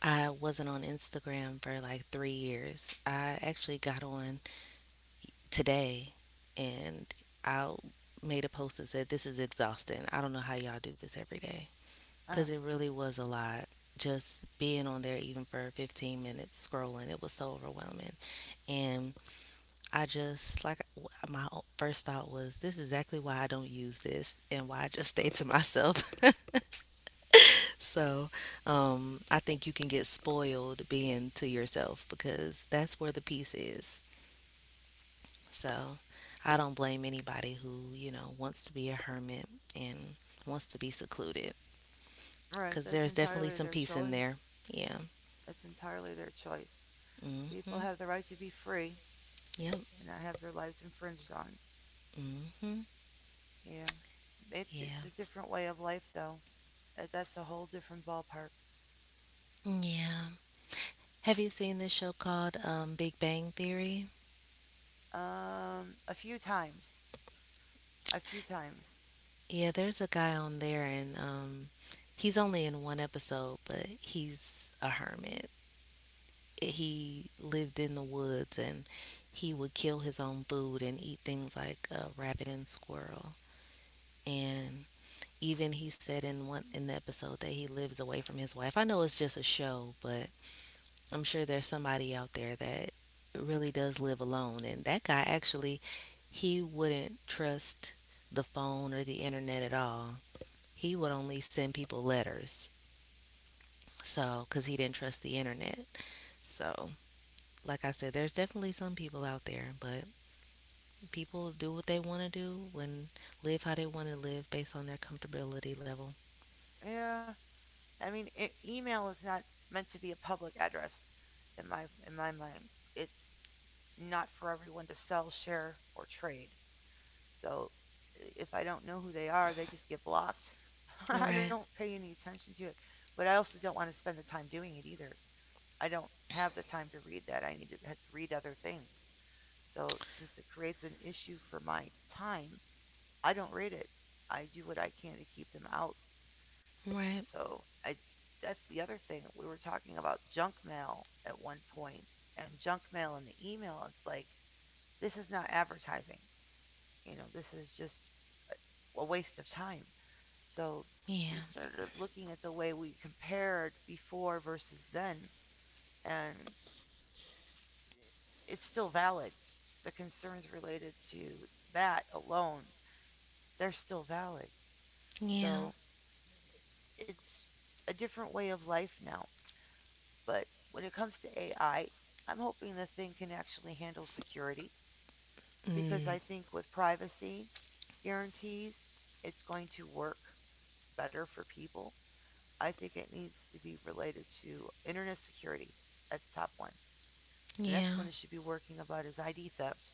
B: I wasn't on Instagram for like 3 years. I actually got on today, and I made a post that said, this is exhausting. I don't know how y'all do this every day,
A: Uh,
B: cuz it really was a lot just being on there even for 15 minutes scrolling. It was so overwhelming. And I just like, my first thought was, this is exactly why I don't use this and why I just stay to myself. So, I think you can get spoiled being to yourself because that's where the peace is. So I don't blame anybody who, you know, wants to be a hermit and wants to be secluded
A: right,
B: because
A: that's
B: there's definitely
A: entirely
B: some
A: their
B: peace in
A: choice.
B: there. Yeah.
A: That's entirely their choice. People
B: Mm-hmm.
A: have the right to be free
B: Yep.
A: and not have their lives infringed on.
B: Mm-hmm.
A: Yeah. It's
B: Yeah.
A: a different way of life, though. That's a whole different ballpark.
B: Yeah. Have you seen this show called, Big Bang Theory?
A: A few times. A few times.
B: Yeah, there's a guy on there, and he's only in one episode, but he's a hermit. He lived in the woods, and he would kill his own food and eat things like a, rabbit and squirrel. And even he said in one in the episode that he lives away from his wife. I know it's just a show, but I'm sure there's somebody out there that really does live alone. And that guy actually, he wouldn't trust the phone or the internet at all. He would only send people letters. So, because he didn't trust the internet. So, like I said, there's definitely some people out there, but people do what they want to do and live how they want to live based on their comfortability level.
A: Yeah, I mean, e email is not meant to be a public address in my mind. It's not for everyone to sell, share, or trade. So if I don't know who they are, they just get blocked. I
B: Right.
A: don't pay any attention to it, but I also don't want to spend the time doing it either. I don't have the time to read that. I need to have to read other things. So since it creates an issue for my time, I don't read it. I do what I can to keep them out.
B: Right.
A: So I, that's the other thing, we were talking about junk mail at one point and junk mail in the email, it's like this is not advertising. You know, this is just a waste of time. So
B: Yeah.
A: we started looking at the way we compared before versus then and it's still valid. The concerns related to that alone, they're still valid.
B: Yeah.
A: So it's a different way of life now. But when it comes to AI, I'm hoping the thing can actually handle security because
B: Mm.
A: I think with privacy guarantees, it's going to work better for people. I think it needs to be related to internet security. That's top one. The next
B: Yeah.
A: one it should be working about is ID theft.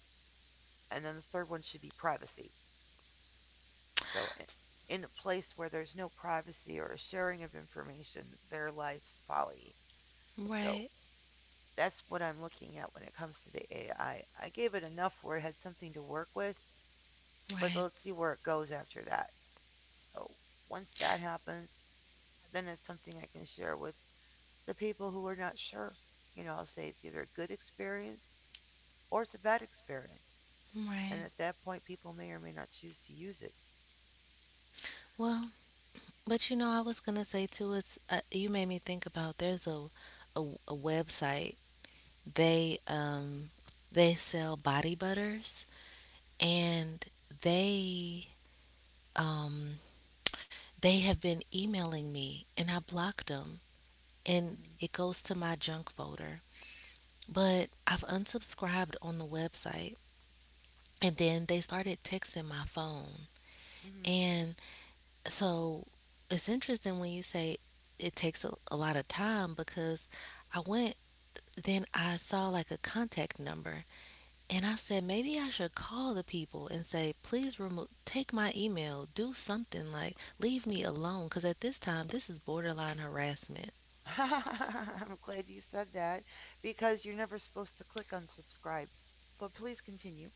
A: And then the third one should be privacy. So, in a place where there's no privacy or sharing of information, there lies folly. So,
B: Right.
A: that's what I'm looking at when it comes to the AI. I gave it enough where it had something to work with, but
B: Right.
A: let's see where it goes after that. So once that happens, then it's something I can share with the people who are not sure. You know, I'll say it's either a good experience or it's a bad experience. And
B: Right.
A: at that point, people may or may not choose to use it.
B: Well, but you know, I was gonna say too. It's you made me think about. There's a, a website. They um they sell body butters, and they um they have been emailing me, and I blocked them, and
A: Hmm.
B: it goes to my junk folder. But I've unsubscribed on the website, and then they started texting my phone.
A: Hmm.
B: And so it's interesting when you say it takes a lot of time because I went, then I saw like a contact number and I said, maybe I should call the people and say, please remove, take my email, do something like leave me alone. Because at this time, this is borderline harassment.
A: I'm glad you said that because you're never supposed to click unsubscribe. But please continue.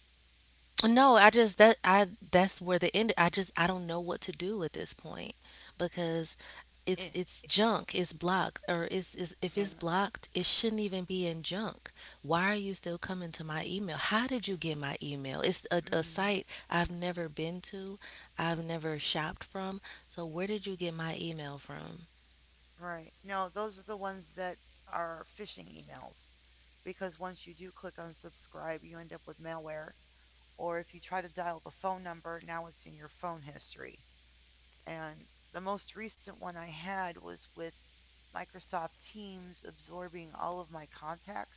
B: No, I just that I That's where the end. I don't know what to do at this point because
A: Eh,
B: it's junk. It's blocked. Or it's If it's
A: yeah.
B: blocked, it shouldn't even be in junk. Why are you still coming to my email? How did you get my email? It's a
A: Hmm.
B: site I've never been to, I've never shopped from. So where did you get my email from?
A: Right. No, those are the ones that are phishing emails because once you do click on subscribe, you end up with malware. Or if you try to dial the phone number, now it's in your phone history. And the most recent one I had was with Microsoft Teams absorbing all of my contacts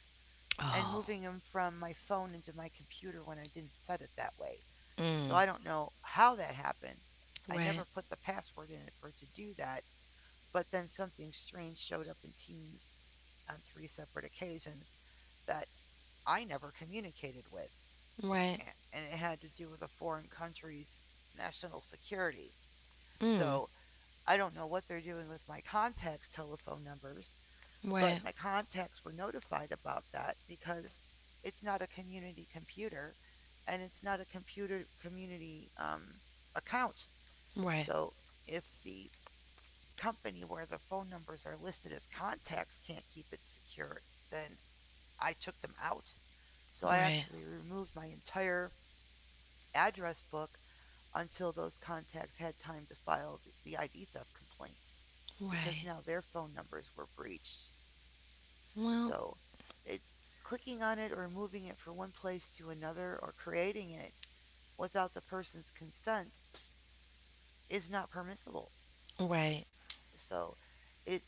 A: and
B: Oh,
A: moving them from my phone into my computer when I didn't set it that way. So I
B: mm,
A: don't know how that happened. I never
B: right,
A: put the password in it for it to do that, but then something strange showed up in teams on three separate occasions that I never communicated with.
B: right,
A: And it had to do with a foreign country's national security.
B: mm,
A: So I don't know what they're doing with my contacts' telephone numbers, but
B: right,
A: my contacts were notified about that because it's not a community computer and it's not a computer community account.
B: right,
A: So if the company where the phone numbers are listed as contacts can't keep it secure, then I took them out. So I
B: right,
A: actually removed my entire address book until those contacts had time to file the ID theft complaint because
B: right.
A: now their phone numbers were breached.
B: Well,
A: So it, clicking on it or moving it from one place to another or creating it without the person's consent is not permissible.
B: right.
A: So it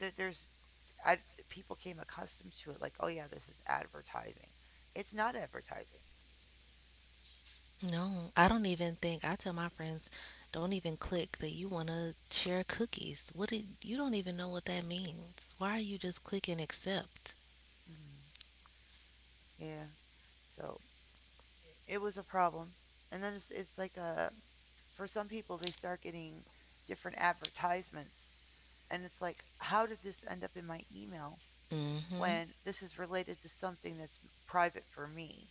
A: there, there's I, people came accustomed to it like oh yeah this is advertising, it's not advertising.
B: No, I don't even think. I tell my friends, don't even click that you want to share cookies. What did you don't even know what that means. Why are you just clicking accept?
A: Hmm. Yeah. So it was a problem and then it's like a, for some people they start getting different advertisements and it's like how did this end up in my email
B: Mm-hmm.
A: when this is related to something that's private for me.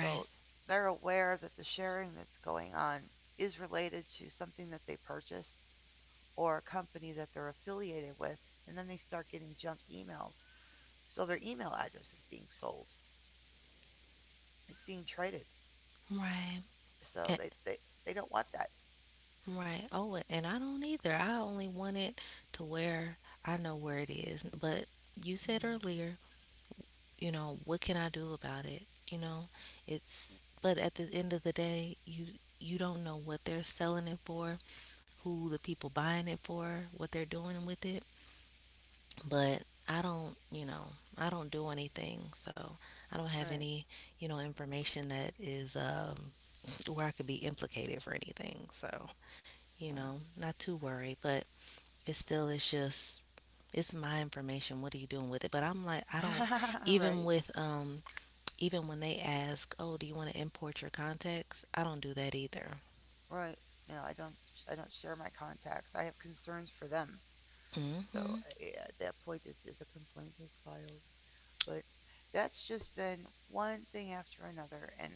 A: So they're aware that the sharing that's going on is related to something that they purchased or a company that they're affiliated with, and then they start getting junk emails. So their email address is being sold. It's being traded.
B: Right.
A: So
B: Eh,
A: they don't want that.
B: right. Oh, and I don't either. I only want it to where I know where it is. But you said
A: Mm,
B: earlier, you know, what can I do about it? You know, it's. But at the end of the day, you don't know what they're selling it for, who the people buying it for, what they're doing with it. But I don't, I don't do anything, so I don't have
A: right.
B: any, information that is where I could be implicated for anything. So, not too worried, but it still is just it's my information. What are you doing with it? But I'm like, I don't.
A: Well. Right.
B: Even with even when they ask, oh, do you want to import your contacts, I don't do that either.
A: Right. No, I don't. I don't share my contacts. I have concerns for them. So
B: Hmm.
A: at that point, it's a complaint is filed. But that's just been one thing after another. And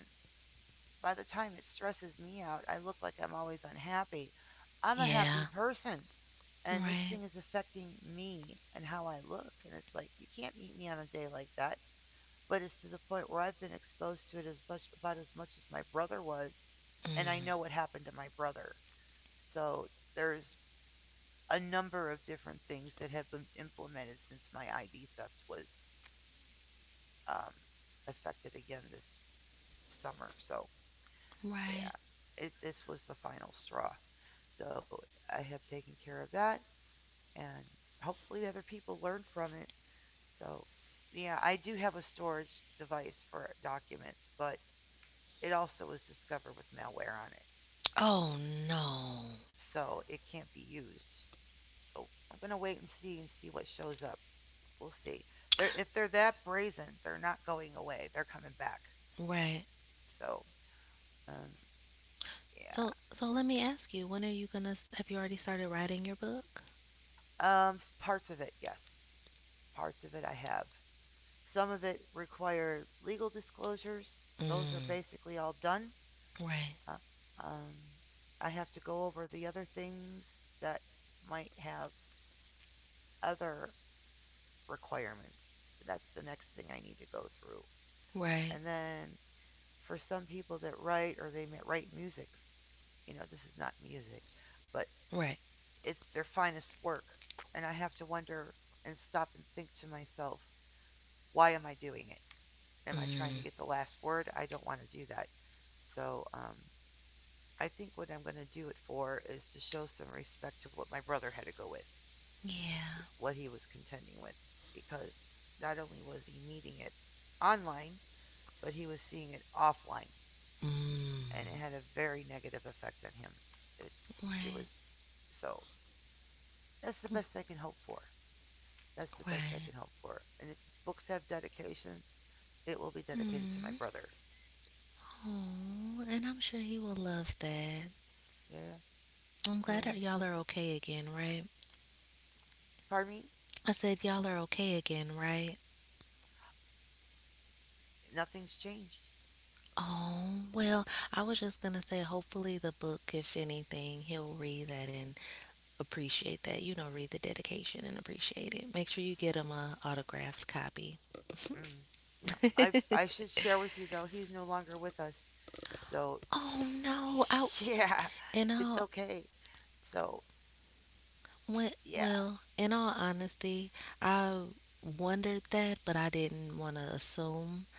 A: by the time it stresses me out, I look like I'm always unhappy. I'm a happy
B: Yeah.
A: person. And this thing
B: Right.
A: is affecting me and how I look. And it's like, you can't meet me on a day like that. But it's to the point where I've been exposed to it as much about as much as my brother was, and I know what happened to my brother. So there's a number of different things that have been implemented since my ID theft was um, affected again this summer. So
B: Right.
A: yeah, this was the final straw. So I have taken care of that, and hopefully other people learn from it. So, yeah, I do have a storage device for documents, but it also was discovered with malware on it.
B: Oh no.
A: So, it can't be used. So, I'm going to wait and see what shows up. We'll see. If they're that brazen, they're not going away. They're coming back.
B: Right.
A: So, um, yeah.
B: So, let me ask you, when are you gonna s- have you already started writing your book?
A: Parts of it, yes. Parts of it I have. Some of it require legal disclosures. Those are
B: Mm.
A: basically all done.
B: Right.
A: Uh, um, I have to go over the other things that might have other requirements. That's the next thing I need to go through.
B: Right.
A: And then for some people that write or they write music, you know, this is not music, but
B: Right.
A: it's their finest work. And I have to wonder and stop and think to myself, why am I doing it? Am I trying to
B: Mm.
A: get the last word? I don't want to do that. So I think what I'm going to do it for is to show some respect to what my brother had to go with,
B: Yeah.
A: what he was contending with, because not only was he meeting it online, but he was seeing it offline,
B: Mm.
A: and it had a very negative effect on him. It, it was
B: Right.
A: so that's the best I can hope for. That's the best I can
B: Right.
A: hope for. And if books have dedications, it will be dedicated to my
B: Hmm.
A: brother.
B: Oh, and I'm sure he will love that.
A: Yeah,
B: I'm glad
A: yeah.
B: that y'all are okay again, right?
A: Pardon me?
B: I said y'all are okay again, right?
A: Nothing's changed.
B: Oh, well, I was just gonna say, hopefully, the book, if anything, he'll read that and appreciate that. You know, read the dedication and appreciate it. Make sure you get him a autographed copy.
A: Mm. No, I should share with you though he's no longer with us, so
B: Oh no, I
A: yeah,
B: and
A: it's
B: all.
A: okay. So
B: Well,
A: yeah,
B: well, in all honesty, I wondered that, but I didn't want to assume,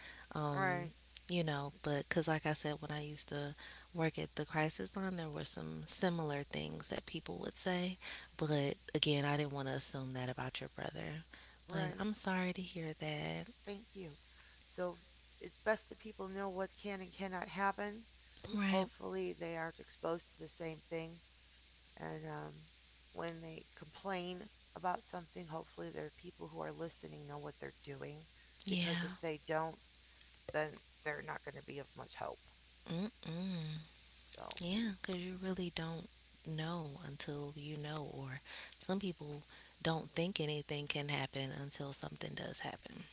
A: right,
B: um, you know, but because, like I said, when I used to work at the crisis line, there were some similar things that people would say, but again, I didn't want to assume that about your brother. But
A: right.
B: I'm sorry to hear that.
A: Thank you. So it's best that people know what can and cannot happen.
B: Right.
A: Hopefully they aren't exposed to the same thing, and when they complain about something, hopefully there are people who are listening know what they're doing, because if
B: Yeah.
A: they don't, then they're not going to be of much help.
B: Mm-mm.
A: So
B: Yeah, because you really don't know until you know, or some people don't think anything can happen until something does happen.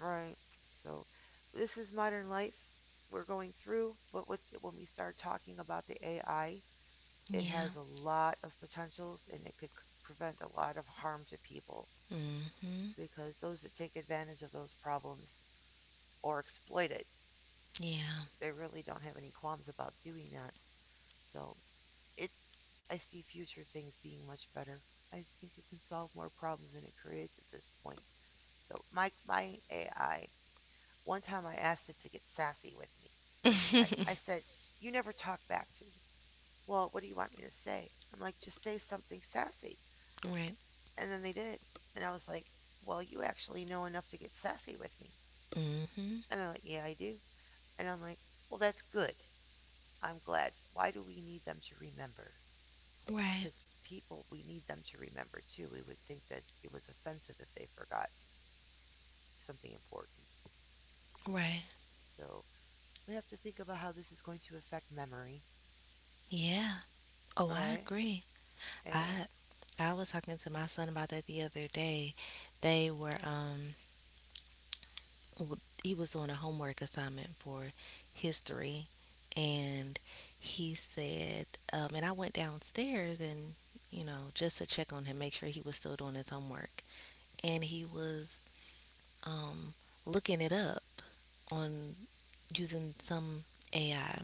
A: right. So this is modern life. We're going through, but with, when we start talking about the AI, it has
B: Yeah.
A: a lot of potentials and it could prevent a lot of harm to people
B: Mm-hmm.
A: because those that take advantage of those problems or exploit it,
B: Yeah.
A: they really don't have any qualms about doing that. So it, I see future things being much better. I think it can solve more problems than it creates at this point. So my AI, one time I asked it to get sassy with me. I said, you never talk back to me. Well, what do you want me to say? I'm like, just say something sassy.
B: Right.
A: And then they did. And I was like, well, you actually know enough to get sassy with me.
B: Mm-hmm.
A: And they're like, yeah, I do. And I'm like, well, that's good. I'm glad. Why do we need them to remember? Because
B: Right.
A: people, we need them to remember too. We would think that it was offensive if they forgot something important.
B: Right.
A: So we have to think about how this is going to affect memory,
B: Yeah. Oh, I
A: right?
B: agree.
A: Yeah.
B: I I was talking to my son about that the other day. They were um he was doing a homework assignment for history, and he said and I went downstairs and, you know, just to check on him, make sure he was still doing his homework. And he was, um, looking it up on using some AI.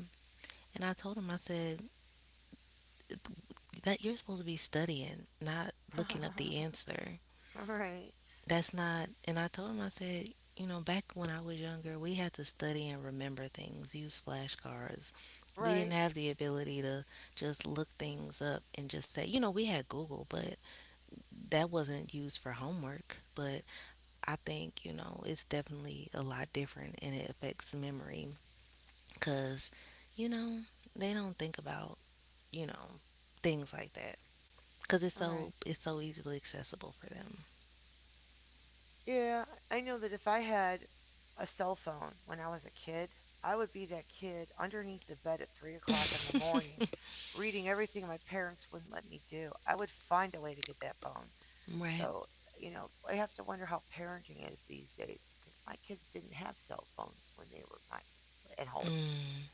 B: And I told him, I said, that you're supposed to be studying, not looking up the answer.
A: Right.
B: That's not, and I told him, I said, you know, back when I was younger, we had to study and remember things, use flashcards. We didn't
A: Right.
B: have the ability to just look things up and just say, you know, we had Google, but that wasn't used for homework. But I think, you know, it's definitely a lot different and it affects memory because, you know, they don't think about, you know, things like that because it's
A: All right.
B: so easily accessible for them.
A: Yeah, I know that if I had a cell phone when I was a kid, I would be that kid underneath the bed at 3 o'clock in the morning, reading everything my parents wouldn't let me do. I would find a way to get that phone.
B: Right.
A: So, you know, I have to wonder how parenting is these days because my kids didn't have cell phones when they were my at home.
B: Mm,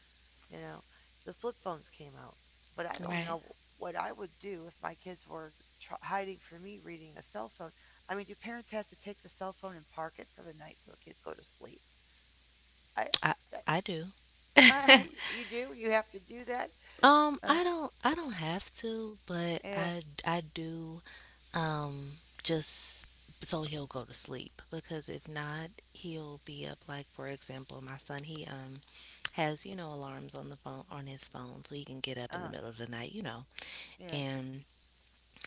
A: You know, the flip phones came out, but I don't
B: right.
A: know what I would do if my kids were hiding from me reading a cell phone. I mean, do parents have to take the cell phone and park it for the night so the kids go to sleep? I,
B: I I do.
A: you do. You have to do that. Uh,
B: I don't have to, but
A: yeah.
B: I do, um just so he'll go to sleep, because if not, he'll be up. Like for example, my son, he has, you know, alarms on the phone on his phone so he can get up in the
A: Uh,
B: middle of the night, you know.
A: yeah.
B: And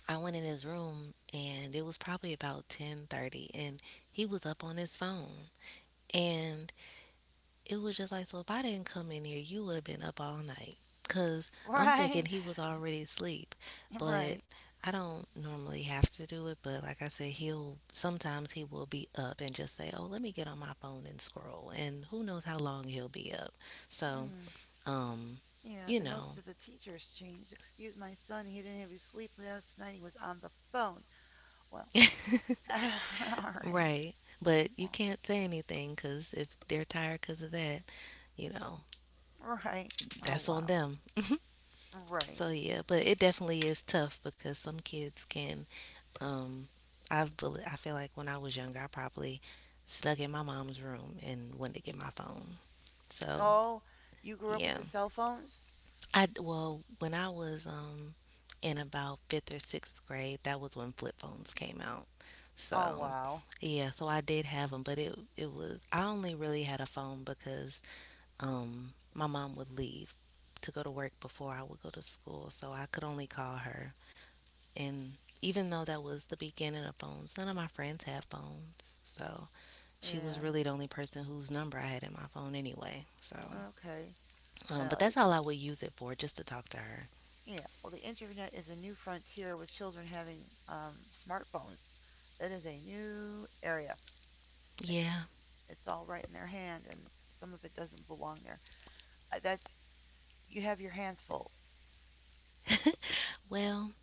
B: I went in his room and it was probably about 10:30 and he was up on his phone. And it was just like, so if I didn't come in here, you would have been up all night. Because I'm
A: Right.
B: thinking he was already asleep. But
A: Right.
B: I don't normally have to do it. But like I said, he'll sometimes he will be up and just say, oh, let me get on my phone and scroll. And who knows how long he'll be up. So,
A: Hmm.
B: um,
A: Yeah,
B: you
A: the notes
B: know,
A: to the teachers changed. Excuse my son, he didn't have his sleep last night. He was on the phone. Well, all right.
B: right. But you
A: Well,
B: can't say anything because if they're tired because of that, you know,
A: right. Oh,
B: that's on
A: wow.
B: them.
A: Right.
B: So, yeah, but it definitely is tough because some kids can. Um, I feel like when I was younger, I probably snuck in my mom's room and went to get my phone. So
A: Oh, you grew up with
B: yeah,
A: the cell phones?
B: I, well, when I was in about 5th or 6th grade, that was when flip phones came out.
A: Oh,
B: So
A: wow.
B: yeah, so I did have them, but it was I only really had a phone because my mom would leave to go to work before I would go to school, so I could only call her. And even though that was the beginning of phones, none of my friends have phones. So she
A: Yeah.
B: was really the only person whose number I had in my phone anyway. So,
A: Okay.
B: but
A: Well,
B: that's
A: it,
B: all I would use it for, just to talk to her.
A: yeah. Well, the internet is a new frontier with children having um, smartphones. That is a new area. Like,
B: Yeah.
A: it's all right in their hand, and some of it doesn't belong there. That you have your hands full,
B: Well,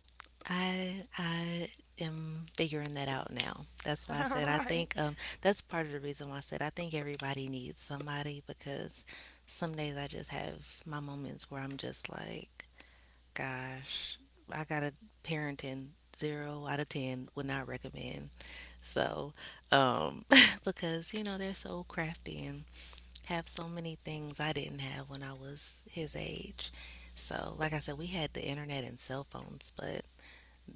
B: I am figuring that out now. That's why I said I
A: right?
B: think, that's part of the reason why I said I think everybody needs somebody because some days I just have my moments where I'm just like, gosh, I got a parenting 0 out of 10. Would not recommend. So, um, because you know they're so crafty and have so many things I didn't have when I was his age.
A: Mm,
B: So, like I said, we had the internet and cell phones, but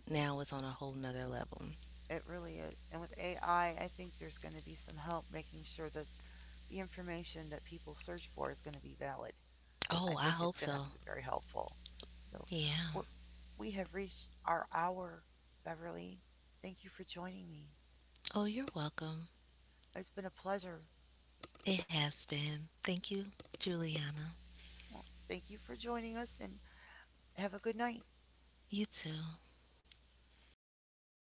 B: now it's on a whole nother level.
A: it really is. And with AI, I think there's going to be some help making sure that the information that people search for is going to be valid. I
B: Oh, I
A: think it's
B: hope
A: going to
B: so.
A: be very helpful. So,
B: Yeah.
A: what, we have reached our hour, Beverly. Thank you for joining me.
B: Oh, you're welcome.
A: It's been a pleasure.
B: It has been. Thank you, Juliana.
A: Well, thank you for joining us and have a good night.
B: You too.